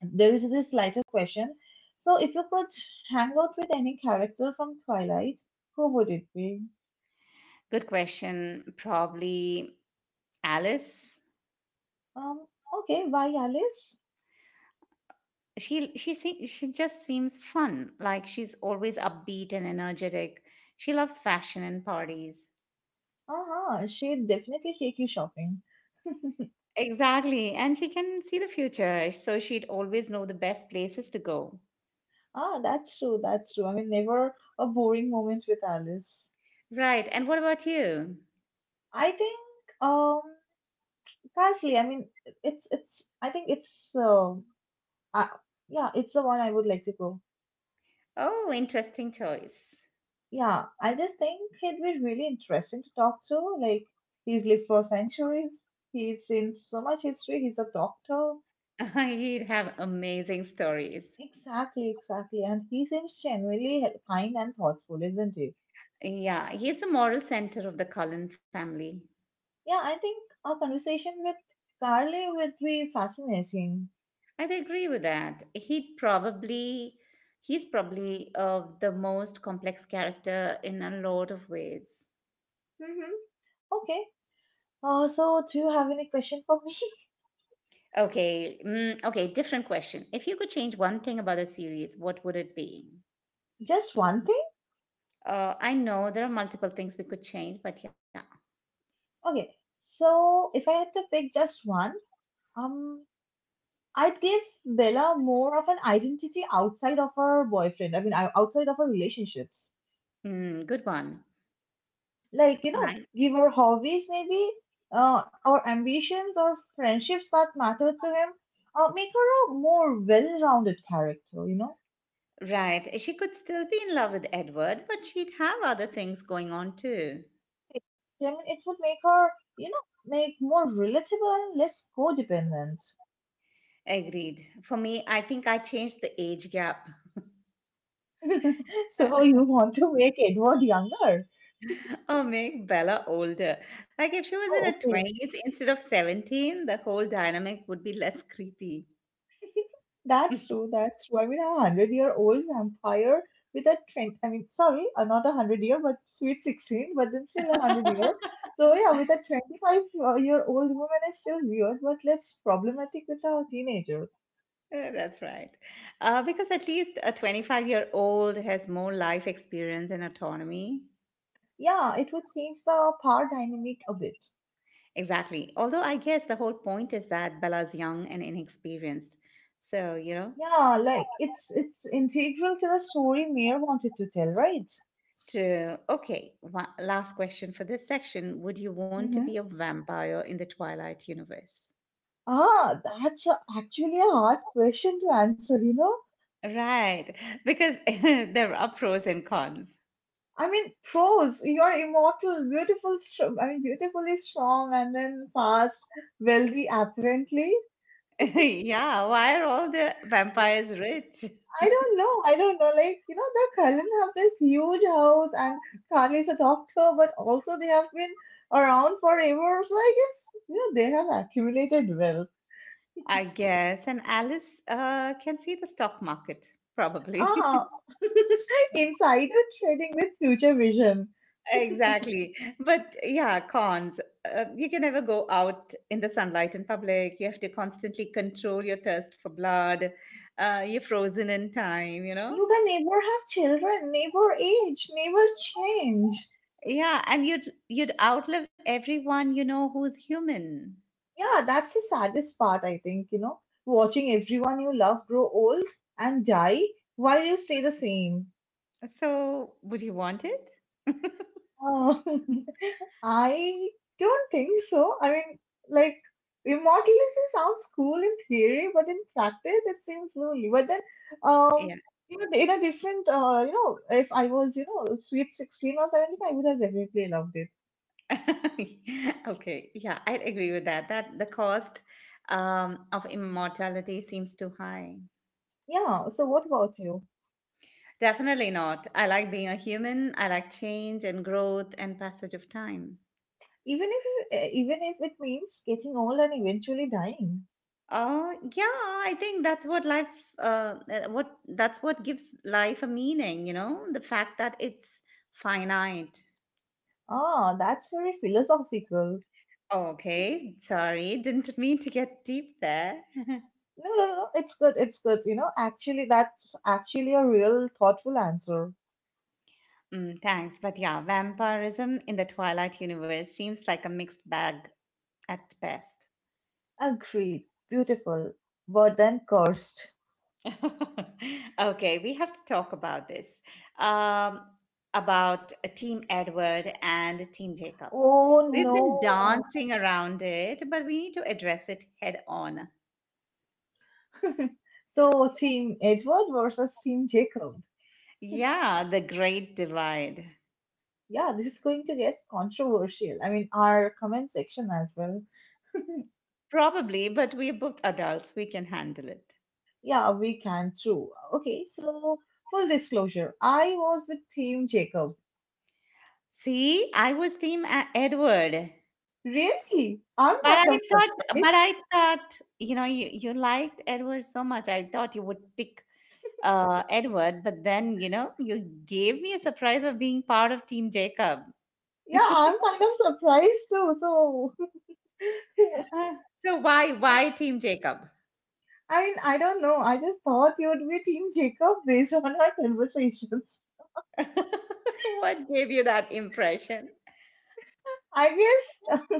B: there is this lighter question. So, if you could hang out with any character from Twilight, who would it be?
A: Good question. Probably Alice.
B: Um, okay, why Alice?
A: She just seems fun. Like she's always upbeat and energetic. She loves fashion and parties.
B: Uh-huh, she'd definitely take you shopping.
A: Exactly. And she can see the future, so she'd always know the best places to go.
B: Ah, that's true, that's true. I mean, never a boring moment with Alice.
A: Right. And what about you?
B: I think, um, Carsley, I mean, it's, I think it's, uh, yeah, it's the one I would like to go.
A: Oh, interesting choice.
B: Yeah, I just think he'd be really interesting to talk to. Like, he's lived for centuries, he's seen so much history, he's a doctor.
A: [laughs] He'd have amazing stories.
B: Exactly, exactly. And he seems genuinely kind and thoughtful, isn't he?
A: Yeah, he's the moral center of the Cullen family.
B: Yeah, I think our conversation with Carly would be fascinating.
A: I'd agree with that. He's probably the most complex character in a lot of ways.
B: Mm-hmm. Okay. So, do you have any question for me?
A: Okay, okay, different question. If you could change one thing about the series, what would it be?
B: [laughs] Just one thing?
A: I know there are multiple things we could change, but yeah,
B: Okay. So, if I had to pick just one, um, I'd give Bella more of an identity outside of her boyfriend. I mean, outside of her relationships.
A: mm, good one.
B: Like, you know,
A: Right.
B: give her hobbies maybe, or ambitions or friendships that matter to him. Make her a more well-rounded character, you know?
A: Right. She could still be in love with Edward, but she'd have other things going on too.
B: I mean, it would make her, you know, make more relatable and less codependent.
A: Agreed. For me, I think I changed the age gap
B: [laughs] So
A: [laughs]
B: you want to make Edward younger?
A: or make Bella older. Like if she was in
B: Oh,
A: her
B: okay.
A: 20s instead of 17, the whole dynamic would be less creepy.
B: That's true.
A: [laughs]
B: That's true. I mean, a hundred-year-old vampire with a twenty. I mean, sorry, not a hundred-year, but sweet sixteen, but then still a hundred-year. So yeah, with a 25-year-old-year-old woman is still weird, but less problematic with a teenager.
A: Yeah, that's right. Because at least a 25-year-old has more life experience and autonomy.
B: Yeah, it would change the power dynamic a bit.
A: Exactly. Although I guess the whole point is that Bella's young and inexperienced. So, you know,
B: Yeah, like it's integral to the story Mayor wanted to tell, right?
A: true. Okay, last question for this section. Would you want to
B: Mm-hmm.
A: be a vampire in the Twilight universe?
B: Ah, that's actually a hard question to answer, you know?
A: Right, because [laughs] there are pros and cons.
B: I mean, prose, you're immortal, beautiful, beautifully strong, and then fast, wealthy, apparently.
A: [laughs] Yeah, why are all the vampires rich?
B: I don't know. I don't know. Like, you know, the Cullen have this huge house, and Carly is a doctor, but also they have been around forever. So I guess, you know, they have accumulated wealth.
A: I guess. And Alice can see the stock market, probably. [laughs]
B: Ah, [laughs] insider trading with future vision. [laughs]
A: Exactly. But yeah, cons. You can never go out in the sunlight in public. You have to constantly control your thirst for blood. You're frozen in time, you know?
B: You can never have children, never age, never change.
A: Yeah, and you'd outlive everyone you know who's human.
B: Yeah, that's the saddest part, I think, you know, watching everyone you love grow old and die while you stay the same.
A: So, would you want it? [laughs]
B: Uh, [laughs] I don't think so. I mean, like, immortality sounds cool in theory, but in practice, it seems lonely. But then,
A: Yeah.
B: um, you know, you know, if I was, you know, sweet 16 or 17, I would have definitely loved it.
A: [laughs] Okay. Yeah, I agree with that. That the cost of immortality seems too high.
B: Yeah, so what about you?
A: Definitely not. I like being a human. I like change and growth and passage of time.
B: Even if it means getting old and eventually dying.
A: Oh, yeah, I think that's what life, what that's what gives life a meaning, you know, the fact that it's finite.
B: Ah, that's very philosophical.
A: Okay, sorry, didn't mean to get deep there. [laughs]
B: No, no, no, it's good, it's good. You know, actually, that's actually a real thoughtful answer.
A: Mm, thanks. But yeah, vampirism in the Twilight universe seems like a mixed bag at best.
B: Agreed, beautiful, but then cursed.
A: [laughs] Okay, we have to talk about this. Um, about Team Edward and Team Jacob.
B: Oh
A: We've been
B: no.
A: dancing around it, but we need to address it head on.
B: [laughs] So, Team Edward versus Team Jacob.
A: Yeah, the great divide.
B: Yeah, this is going to get controversial. I mean, our comment section as well. [laughs]
A: Probably, but we're both adults. We can handle it.
B: Yeah, we can too. Okay, so full disclosure, I was with Team Jacob.
A: See, I was Team Edward.
B: Really? I'm
A: But I
B: kind of
A: thought, but
B: surprised.
A: I thought, you know, you liked Edward so much. I thought you would pick Edward, but then, you know, you gave me a surprise of being part of Team Jacob.
B: Yeah, I'm kind of surprised too. So, [laughs]
A: Uh, so why
B: like,
A: Team Jacob?
B: I mean, I don't know. I just thought you would be Team Jacob based on our conversations.
A: [laughs] What gave you that impression?
B: I guess, [laughs]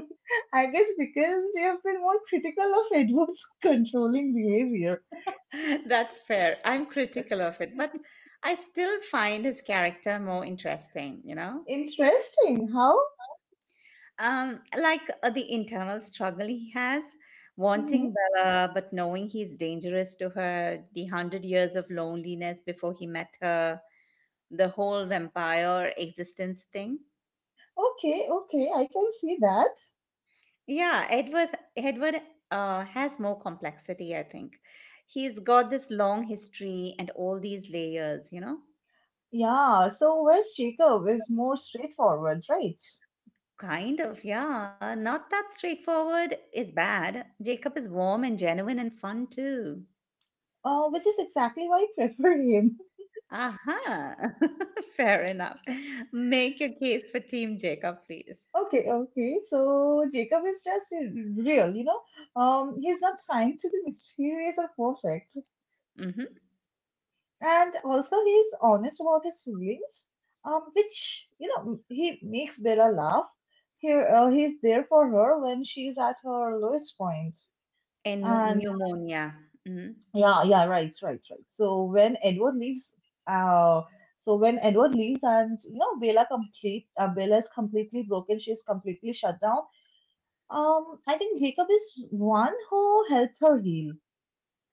B: I guess because you have been more critical of Edward's [laughs] controlling behavior.
A: [laughs] That's fair. I'm critical of it, but I still find his character more interesting, you know?
B: Interesting. How?
A: Like the internal struggle he has,
B: Hmm.
A: wanting Bella but knowing he's dangerous to her, the hundred years of loneliness before he met her, the whole vampire existence thing.
B: Okay, okay, I can see that.
A: Yeah, Edward has more complexity, I think. He's got this long history and all these layers, you know?
B: Yeah, so where's Jacob is more straightforward, right?
A: Kind of, yeah. Not that straightforward is bad. Jacob is warm and genuine and fun too.
B: Which is exactly why I prefer him.
A: Aha, [laughs] fair enough. Make your case for Team Jacob, please.
B: Okay, okay. So Jacob is just real, you know. He's not trying to be mysterious or perfect,
A: Hmm.
B: and also he's honest about his feelings. Which you know he makes Bella laugh. Here, he's there for her when she's at her lowest point.
A: And
B: And
A: pneumonia. Hmm.
B: yeah, yeah, right, right, right. Uh, so when Edward leaves, and you know Bella is completely broken. She's completely shut down. I think Jacob is one who helped her heal.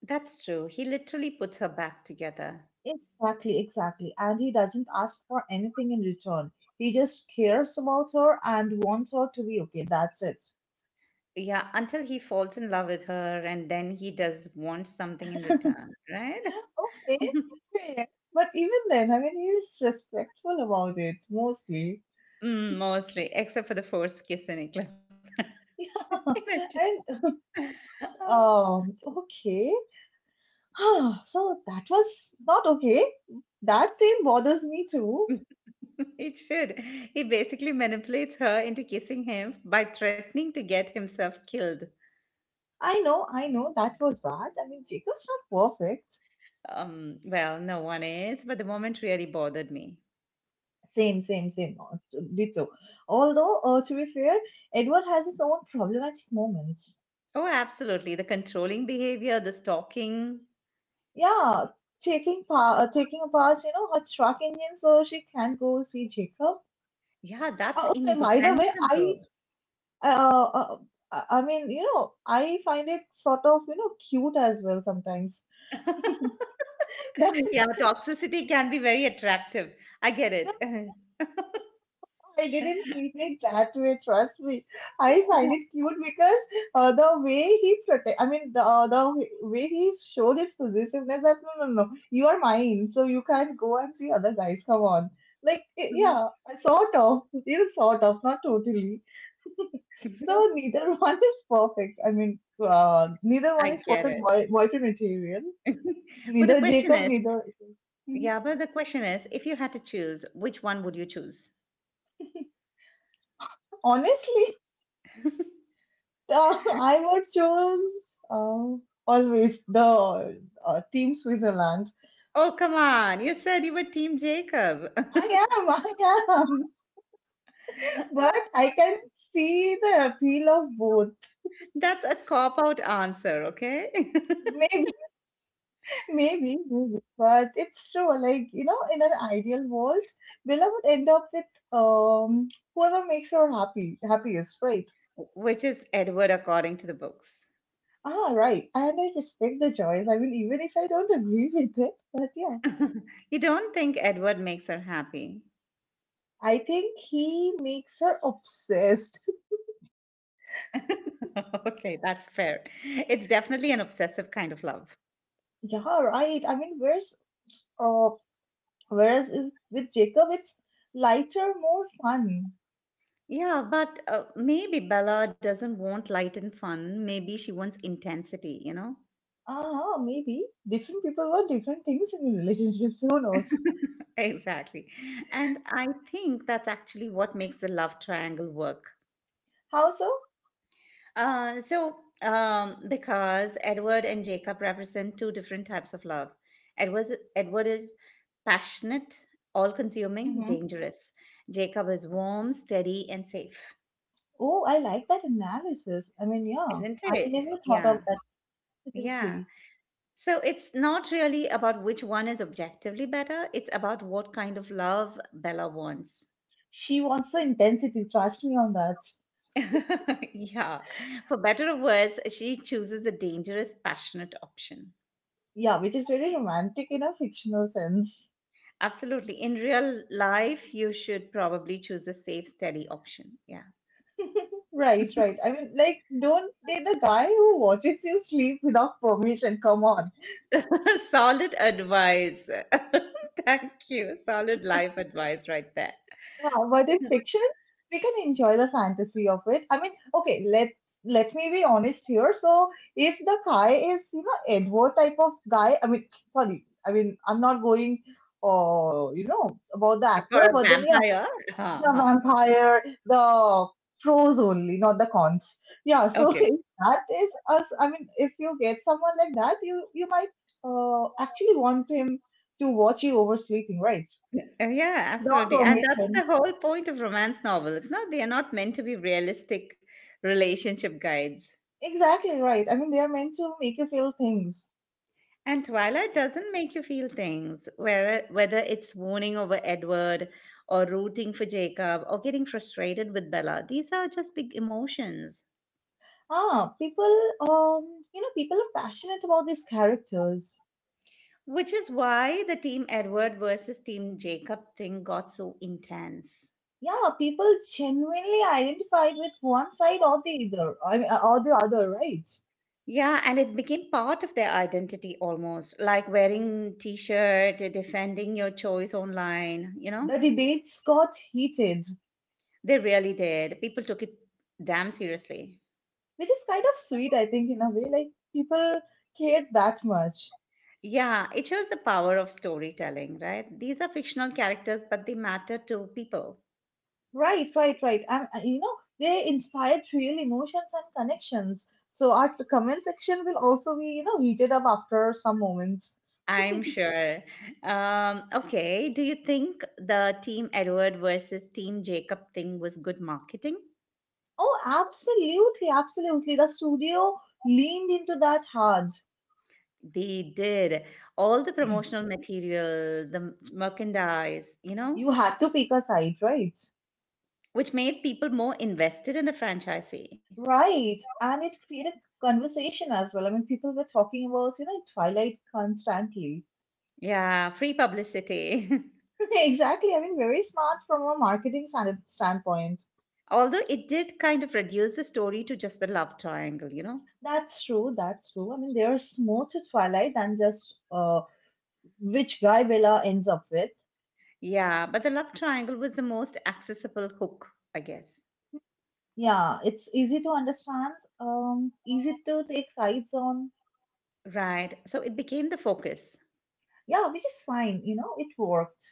A: That's true. He literally puts her back together.
B: Exactly, exactly. And he doesn't ask for anything in return. He just cares about her and wants her to be okay. That's it.
A: Yeah, until he falls in love with her and then he does want something in return, right?
B: Okay,
A: [laughs]
B: fair. But even then, I mean, he is respectful about it mostly. [laughs]
A: Mm, mostly, except for the forced kiss in Eclipse.
B: Yeah. And
A: [laughs]
B: okay. [sighs] So that was not okay. That scene bothers me too.
A: It should. He basically manipulates her into kissing him by threatening to get himself killed.
B: I know, that was bad. I mean, Jacob's not perfect.
A: Well, no one is, but the moment really bothered me.
B: Same, same, same. Ditto. Although, to be fair, Edward has his own problematic moments.
A: Oh, absolutely. The controlling behavior, the stalking.
B: Yeah, taking apart, you know, her truck engine so she can go see Jacob.
A: Yeah, that's
B: Okay, by the way,
A: indefensible.
B: uh, uh, I mean, you know, I find it sort of, you know, cute as well sometimes.
A: [laughs]
B: [laughs] That's
A: Yeah,
B: just
A: toxicity can be very attractive. I get it. [laughs]
B: I didn't mean it that way. Trust me. I find it cute because the way he protect. I mean, the way he showed his possessiveness. That no, no, no. You are mine, so you can't go and see other guys. Come on.
A: Mhm.
B: Yeah, sort of. You sort of, not totally. So neither [laughs] one is perfect. I mean, neither one
A: I
B: is
A: get
B: perfect
A: it.
B: boyfriend material.
A: [laughs] But the
B: Neither
A: question
B: Jacob,
A: is,
B: neither it is. Mhm.
A: yeah, but the question is, if you had to choose, which one would you choose?
B: Honestly, [laughs] I would choose always the Team Switzerland.
A: Oh, come on. You said you were Team Jacob.
B: I am, [laughs] but I
A: [laughs]
B: can see the appeal of both.
A: That's a cop out answer, okay? [laughs]
B: Maybe, [laughs] maybe, maybe. But it's true. Like you know, in an ideal world, Bella would end up with um whoever makes her happiest, right?
A: Which is Edward according to the books.
B: Ah, right. And I respect the choice. I mean, even if I don't agree [laughs] with it, but yeah,
A: [laughs] You don't think Edward makes her happy?
B: I think he makes her obsessed.
A: [laughs] Okay, that's fair. It's definitely an obsessive kind of love.
B: Yeah, right. I mean, uh, whereas is with Jacob, it's lighter, more fun.
A: Yeah, but maybe Bella doesn't want light and fun. Maybe she wants intensity, you know?
B: Ah, maybe different people want different things in relationships. [laughs] Who knows?
A: [laughs] Exactly. And I think that's actually what makes the love triangle work.
B: How so?
A: Uh, so, because Edward and Jacob represent two different types of love. Edward, Edward is passionate, all consuming,
B: Mm-hmm.
A: dangerous. Jacob is warm, steady, and safe.
B: Oh, I like that analysis. I mean, yeah,
A: Isn't
B: I
A: it?
B: never thought
A: Yeah.
B: of that.
A: Yeah.
B: Absolutely.
A: So it's not really about which one is objectively better, it's about what kind of love Bella wants.
B: She wants the intensity. Trust me on that.
A: [laughs] Yeah. For better or worse, she chooses the dangerous, passionate option.
B: Yeah, which is very romantic in a fictional sense.
A: Absolutely. In real life, you should probably choose a safe, steady option. Yeah.
B: Right, right. I mean, like, don't date the guy who watches you sleep without permission. Come on.
A: [laughs] Solid advice. [laughs] Thank you. Solid life advice right there.
B: Yeah, but in fiction, we can enjoy the fantasy of it. I mean, okay, let me be honest here. So if the guy is, you know, Edward type of guy, I mean, [sniffs] [tsk] sorry, I mean, I'm not going, you know, about the
A: For
B: actor,
A: a
B: but then yeah,
A: vampire. Huh,
B: the
A: huh.
B: vampire, the pros only, not the cons. Yeah, so
A: Okay.
B: [laughs] if that is us, I mean, if you get someone like that, you might actually want him to watch you oversleeping, right?
A: Yeah,
B: Without
A: absolutely. And that's
B: permission.
A: the whole point of romance novel. It's not, they are not meant to be realistic relationship guides.
B: Exactly right. I mean, they are meant to make you feel things.
A: And Twilight doesn't make you feel things, whether it's mourning over Edward or rooting for Jacob or getting frustrated with Bella. These are just big emotions,
B: Ah, people, you know, people are passionate about these characters.
A: which is why the Team Edward versus Team Jacob thing got so intense.
B: Yeah, people genuinely identified with one side or the other, or the other, right?
A: Yeah, and it became part of their identity almost, like wearing t-shirt, defending your choice online, you know?
B: The debates got heated,
A: They really did. People took it damn seriously.
B: which is kind of sweet, I think, in a way. Like people cared that much.
A: Yeah, it shows the power of storytelling, right? These are fictional characters, but they matter to people.
B: Right, right, right. And you know, they inspired real emotions and connections. So our comment section will also be, you know, heated up after some moments.
A: I'm sure. Okay, do you think the Team Edward versus Team Jacob thing was good marketing?
B: Oh, absolutely, absolutely. The studio leaned into that hard.
A: They did all the promotional material, the merchandise, you know,
B: You had to pick a side, right?
A: which made people more invested in the franchisee.
B: Right. And it created conversation as well. I mean, people were talking about, you know, Twilight constantly.
A: Yeah, free publicity. [laughs]
B: [laughs] Exactly. I mean, very smart from a marketing standpoint.
A: Although it did kind of reduce the story to just the love triangle, you know?
B: That's true. That's true. I mean, there's more to Twilight than just which guy Bella ends up with.
A: Yeah, but the love triangle was the most accessible hook, I guess.
B: Yeah, it's easy to understand, easy to take sides on.
A: Right. So it became the focus.
B: Yeah, which is fine, you know, it worked.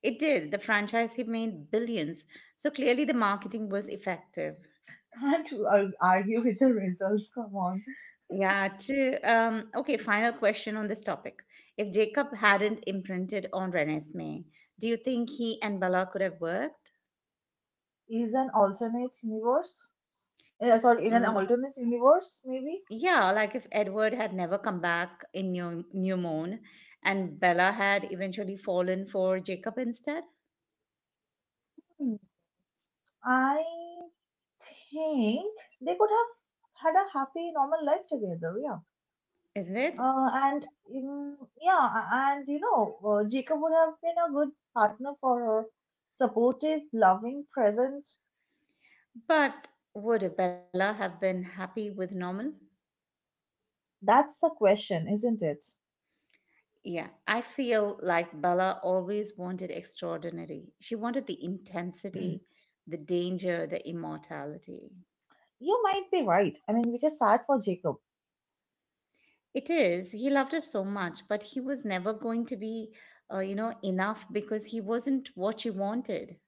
A: It did. The franchise he made billions. So clearly the marketing was effective.
B: [laughs] Can't argue with the results, come on.
A: Yeah, true. Okay, final question on this topic. If Jacob hadn't imprinted on Renesmee, do you think he and Bella could have worked?
B: Is an alternate universe? Yeah, sorry, in
A: Mm,
B: an alternate universe, maybe?
A: yeah, like if Edward had never come back in New Moon and Bella had eventually fallen for Jacob instead.
B: Hmm. I think they could have had a happy, normal life together, yeah.
A: Isn't it?
B: And Yeah, and you know, Jacob would have been a good partner for her, supportive, loving, present.
A: But would Bella have been happy with Norman?
B: That's the question, isn't it?
A: Yeah, I feel like Bella always wanted extraordinary. She wanted the intensity, the danger, the immortality.
B: You might be right. I mean, which is sad for Jacob.
A: It is, he loved her so much, but he was never going to be, you know, enough because he wasn't what she wanted.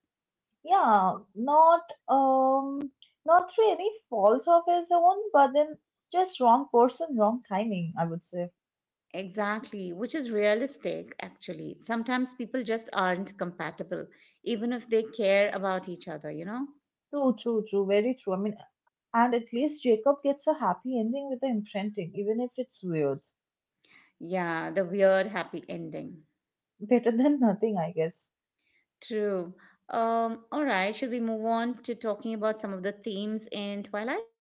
B: Yeah, um not through any fault of his own, but then just wrong person, wrong timing, I would say.
A: Exactly, which is realistic, actually. Sometimes people just aren't compatible, even if they care about each other, you know?
B: True, true, true, very true. I mean, and at least Jacob gets a happy ending with the imprinting, even if it's weird.
A: Yeah, the weird happy ending.
B: Better [laughs] than nothing, I guess.
A: True. All right, should we move on to talking about some of the themes in Twilight?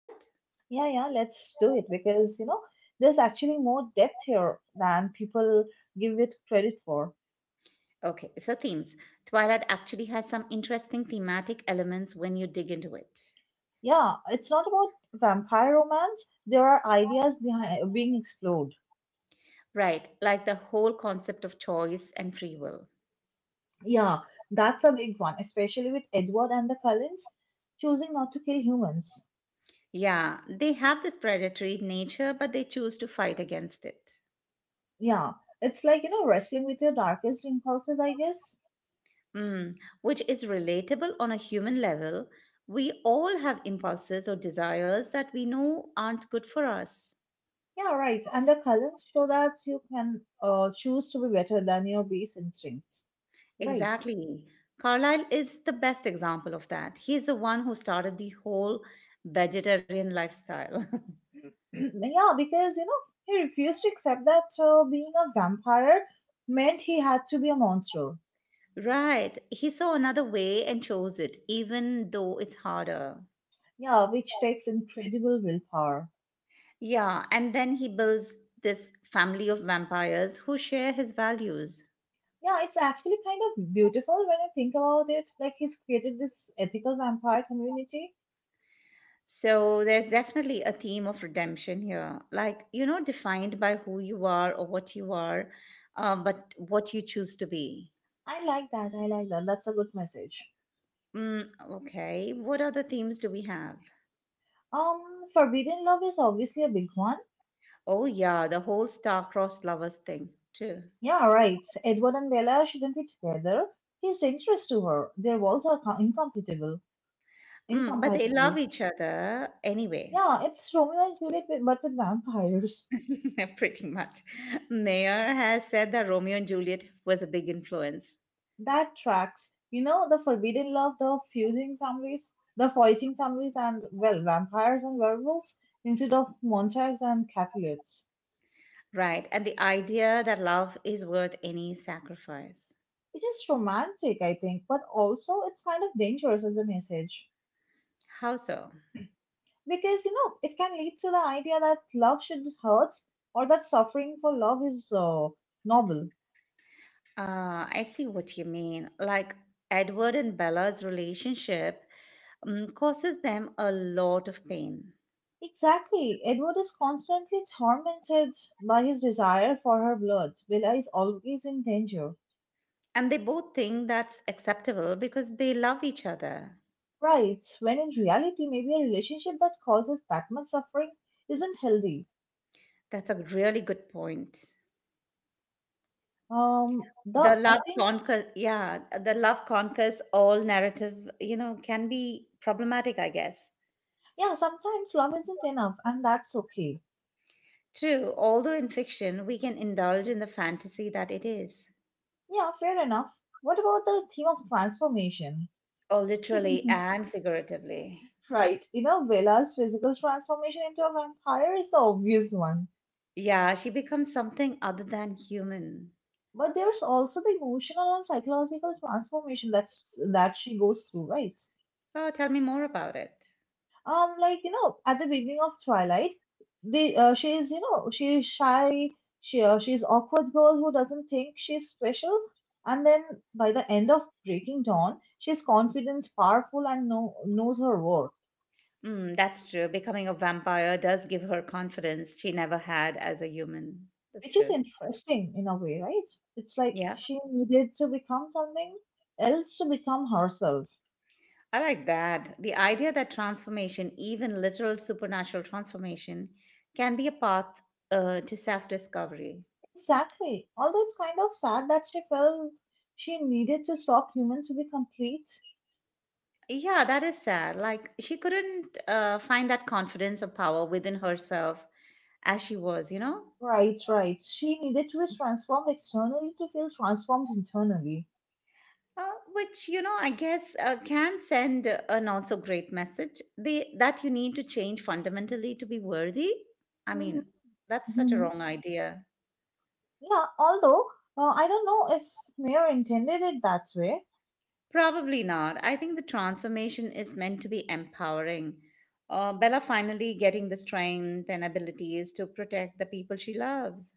B: Yeah, yeah, let's do it because, you know, there's actually more depth here than people give it credit for.
A: Okay, so themes. Twilight actually has some interesting thematic elements when you dig into it.
B: Yeah, it's not about vampire romance. There are ideas behind being explored.
A: Right, like the whole concept of choice and free will.
B: Yeah, that's a big one, especially with Edward and the Cullens choosing not to kill humans.
A: Yeah, they have this predatory nature, but they choose to fight against it.
B: Yeah, it's like, you know, wrestling with your darkest impulses, I guess.
A: Mm, which is relatable on a human level. We all have impulses or desires that we know aren't good for us.
B: Yeah, right. And the Cullens show that you can choose to be better than your base instincts. Right.
A: Exactly. Carlyle is the best example of that. He's the one who started the whole vegetarian lifestyle.
B: [clears throat] yeah, because, you know, he refused to accept that being a vampire meant he had to be a monster.
A: [laughs] Right. He saw another way and chose it, even though it's harder.
B: Yeah, which takes incredible willpower.
A: Yeah. And then he builds this family of vampires who share his values.
B: Yeah, it's actually kind of beautiful when I think about it. Like he's created this ethical vampire community.
A: So there's definitely a theme of redemption here, like, you know, defined by who you are or what you are, but what you choose to be.
B: I like that. I like that. That's a good message.
A: Mm, okay, what other themes do we have?
B: Um, Forbidden love is obviously a big one.
A: Oh, yeah, the whole star-crossed lovers thing, too.
B: Yeah, right. Edward and Bella shouldn't be together. He's dangerous to her. Their walls are co- incompatible.
A: Mm, but they love
B: Incompatible.
A: each other anyway.
B: Yeah, it's Romeo and Juliet, but with vampires.
A: [laughs] Pretty much. Mayer has said that Romeo and Juliet was a big influence.
B: That tracks. You know, the forbidden love, the fusing families, the fighting families, and, well, vampires and werewolves instead of Montags and Capulets.
A: Right, and the idea that love is worth any sacrifice.
B: It is romantic, I think, but also it's kind of dangerous as a message.
A: How so?
B: Because, you know, it can lead to the idea that love should hurt or that suffering for love is noble.
A: I see what you mean. Like Edward and Bella's relationship causes them a lot of pain.
B: Exactly. Edward is constantly tormented by his desire for her blood. Bella is always in danger.
A: And they both think that's acceptable because they love each other.
B: Right, when in reality, maybe a relationship that causes that much suffering isn't healthy.
A: That's a really good point.
B: The
A: The
B: I
A: love
B: think
A: conquers, yeah, the love conquers all narrative, you know, can be problematic, I guess.
B: Yeah, sometimes love isn't enough, and that's okay.
A: True, although in fiction, we can indulge in the fantasy that it is.
B: Yeah, fair enough. What about the theme of transformation?
A: Oh, literally
B: [laughs]
A: and figuratively.
B: Right, you know, Bella's physical transformation into a vampire is the obvious one,
A: Yeah, she becomes something other than human.
B: but there's also the emotional and psychological transformation that she goes through, right?
A: Oh, tell me more about it.
B: Like you know, at the beginning of Twilight, the she is you know she is shy, she's awkward girl who doesn't think she's special, and then by the end of Breaking Dawn, she's confident, powerful, and knows her worth,
A: Mm, that's true. Becoming a vampire does give her confidence she never had as a human. That's
B: which is
A: true.
B: interesting in a way, right? It's like
A: Yeah,
B: she needed to become something else to become herself.
A: I like that. The idea that transformation, even literal supernatural transformation, can be a path to self discovery.
B: Exactly. Although it's kind of sad that she felt she needed to stop humans to be complete.
A: Yeah, that is sad. Like, she couldn't find that confidence or power within herself as she was, you know?
B: Right, right. She needed to be transformed externally to feel transformed internally.
A: Uh, which you know, I guess can send an also great message They that you need to change fundamentally to be worthy. I
B: hmm
A: mean, that's such a
B: hmm
A: wrong idea.
B: Yeah, although I don't know if Mayor intended it that way.
A: Probably not. I think the transformation is meant to be empowering. Bella finally getting the strength and abilities to protect the people she loves.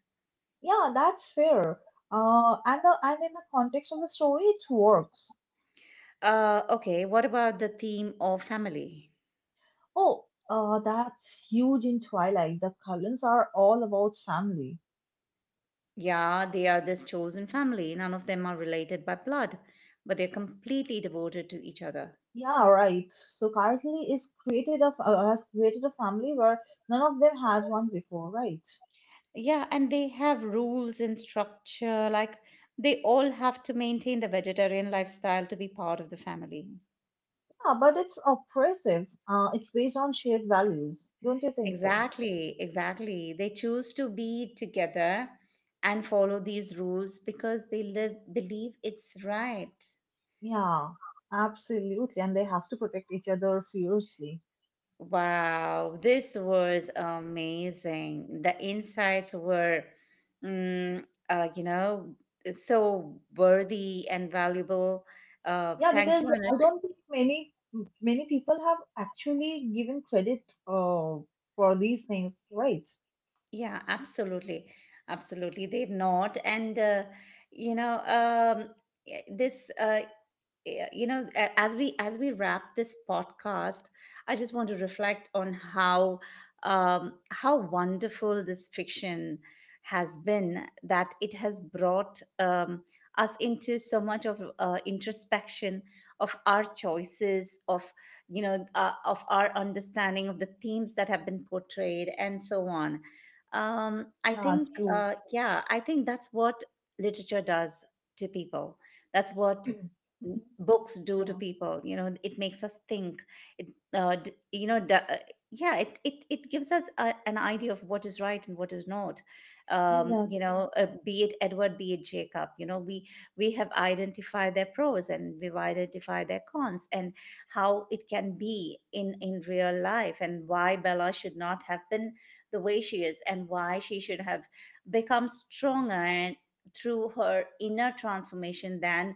B: Yeah, that's fair. And in the context of the story, it works.
A: Okay, what about the theme of family?
B: Oh, that's huge in Twilight. The Cullens are all about family.
A: Yeah, they are this chosen family. None of them are related by blood, but they're completely devoted to each other.
B: Yeah, right. So Carsley is created of has created a family where none of them has one before, right?
A: Yeah, and they have rules and structure. Like they all have to maintain the vegetarian lifestyle to be part of the family.
B: Yeah, but it's oppressive. It's based on shared values. Don't you think so?
A: Exactly, exactly. They choose to be together and follow these rules because they live believe it's right.
B: Yeah, absolutely. And they have to protect each other fiercely.
A: Wow, this was amazing. The insights were, you know, so worthy and valuable.
B: Yeah,
A: Thank you,
B: because I
A: Anush.
B: don't think many people have actually given credit for these things, right?
A: Yeah, absolutely, absolutely. They've not, and you know, yeah, you know, as we wrap this podcast, I just want to reflect on how, how wonderful this fiction has been, that it has brought, us into so much of introspection of our choices, of you know, of our understanding of the themes that have been portrayed, and so on. um, i
B: Yeah,
A: think
B: true.
A: uh,
B: [clears throat]
A: yeah, I think that's what literature does to people, that's what
B: Mhm.
A: books do to
B: Yeah,
A: people, you know, it makes us think, it you know, yeah, it gives us a, an idea of what is right and what is not. You
B: exactly.
A: know, be it Edward, be it Jacob, you know, we have identified their pros, and we've identified their cons, and how it can be in real life, and why Bella should not have been the way she is, and why she should have become stronger, and through her inner transformation, than,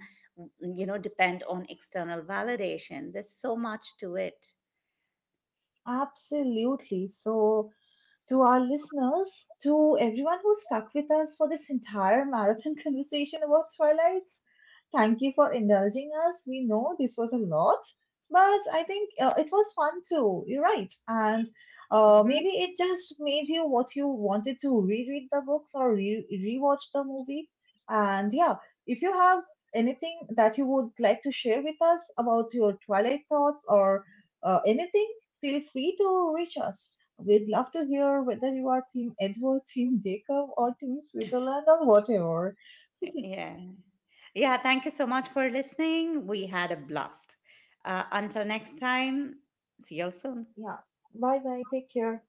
A: you know, depend on external validation. There's so much to it.
B: Absolutely. So to our listeners, to everyone who stuck with us for this entire marathon [laughs] conversation about Twilight. Thank you for indulging us. We know this was a lot, but I think it was fun too. You're right. And maybe
A: Hmm.
B: it just made you what you wanted to reread the books or rewatch the movie. And yeah, if you have anything that you would like to share with us about your Twilight thoughts or anything, feel free to reach us. We'd love to hear whether you are Team Edward, [laughs] Team Jacob, or Team Switzerland, or whatever.
A: Yeah, yeah, thank you so much for listening, we had a blast. Until next time, see you all soon.
B: [laughs] yeah. Bye bye. Take care.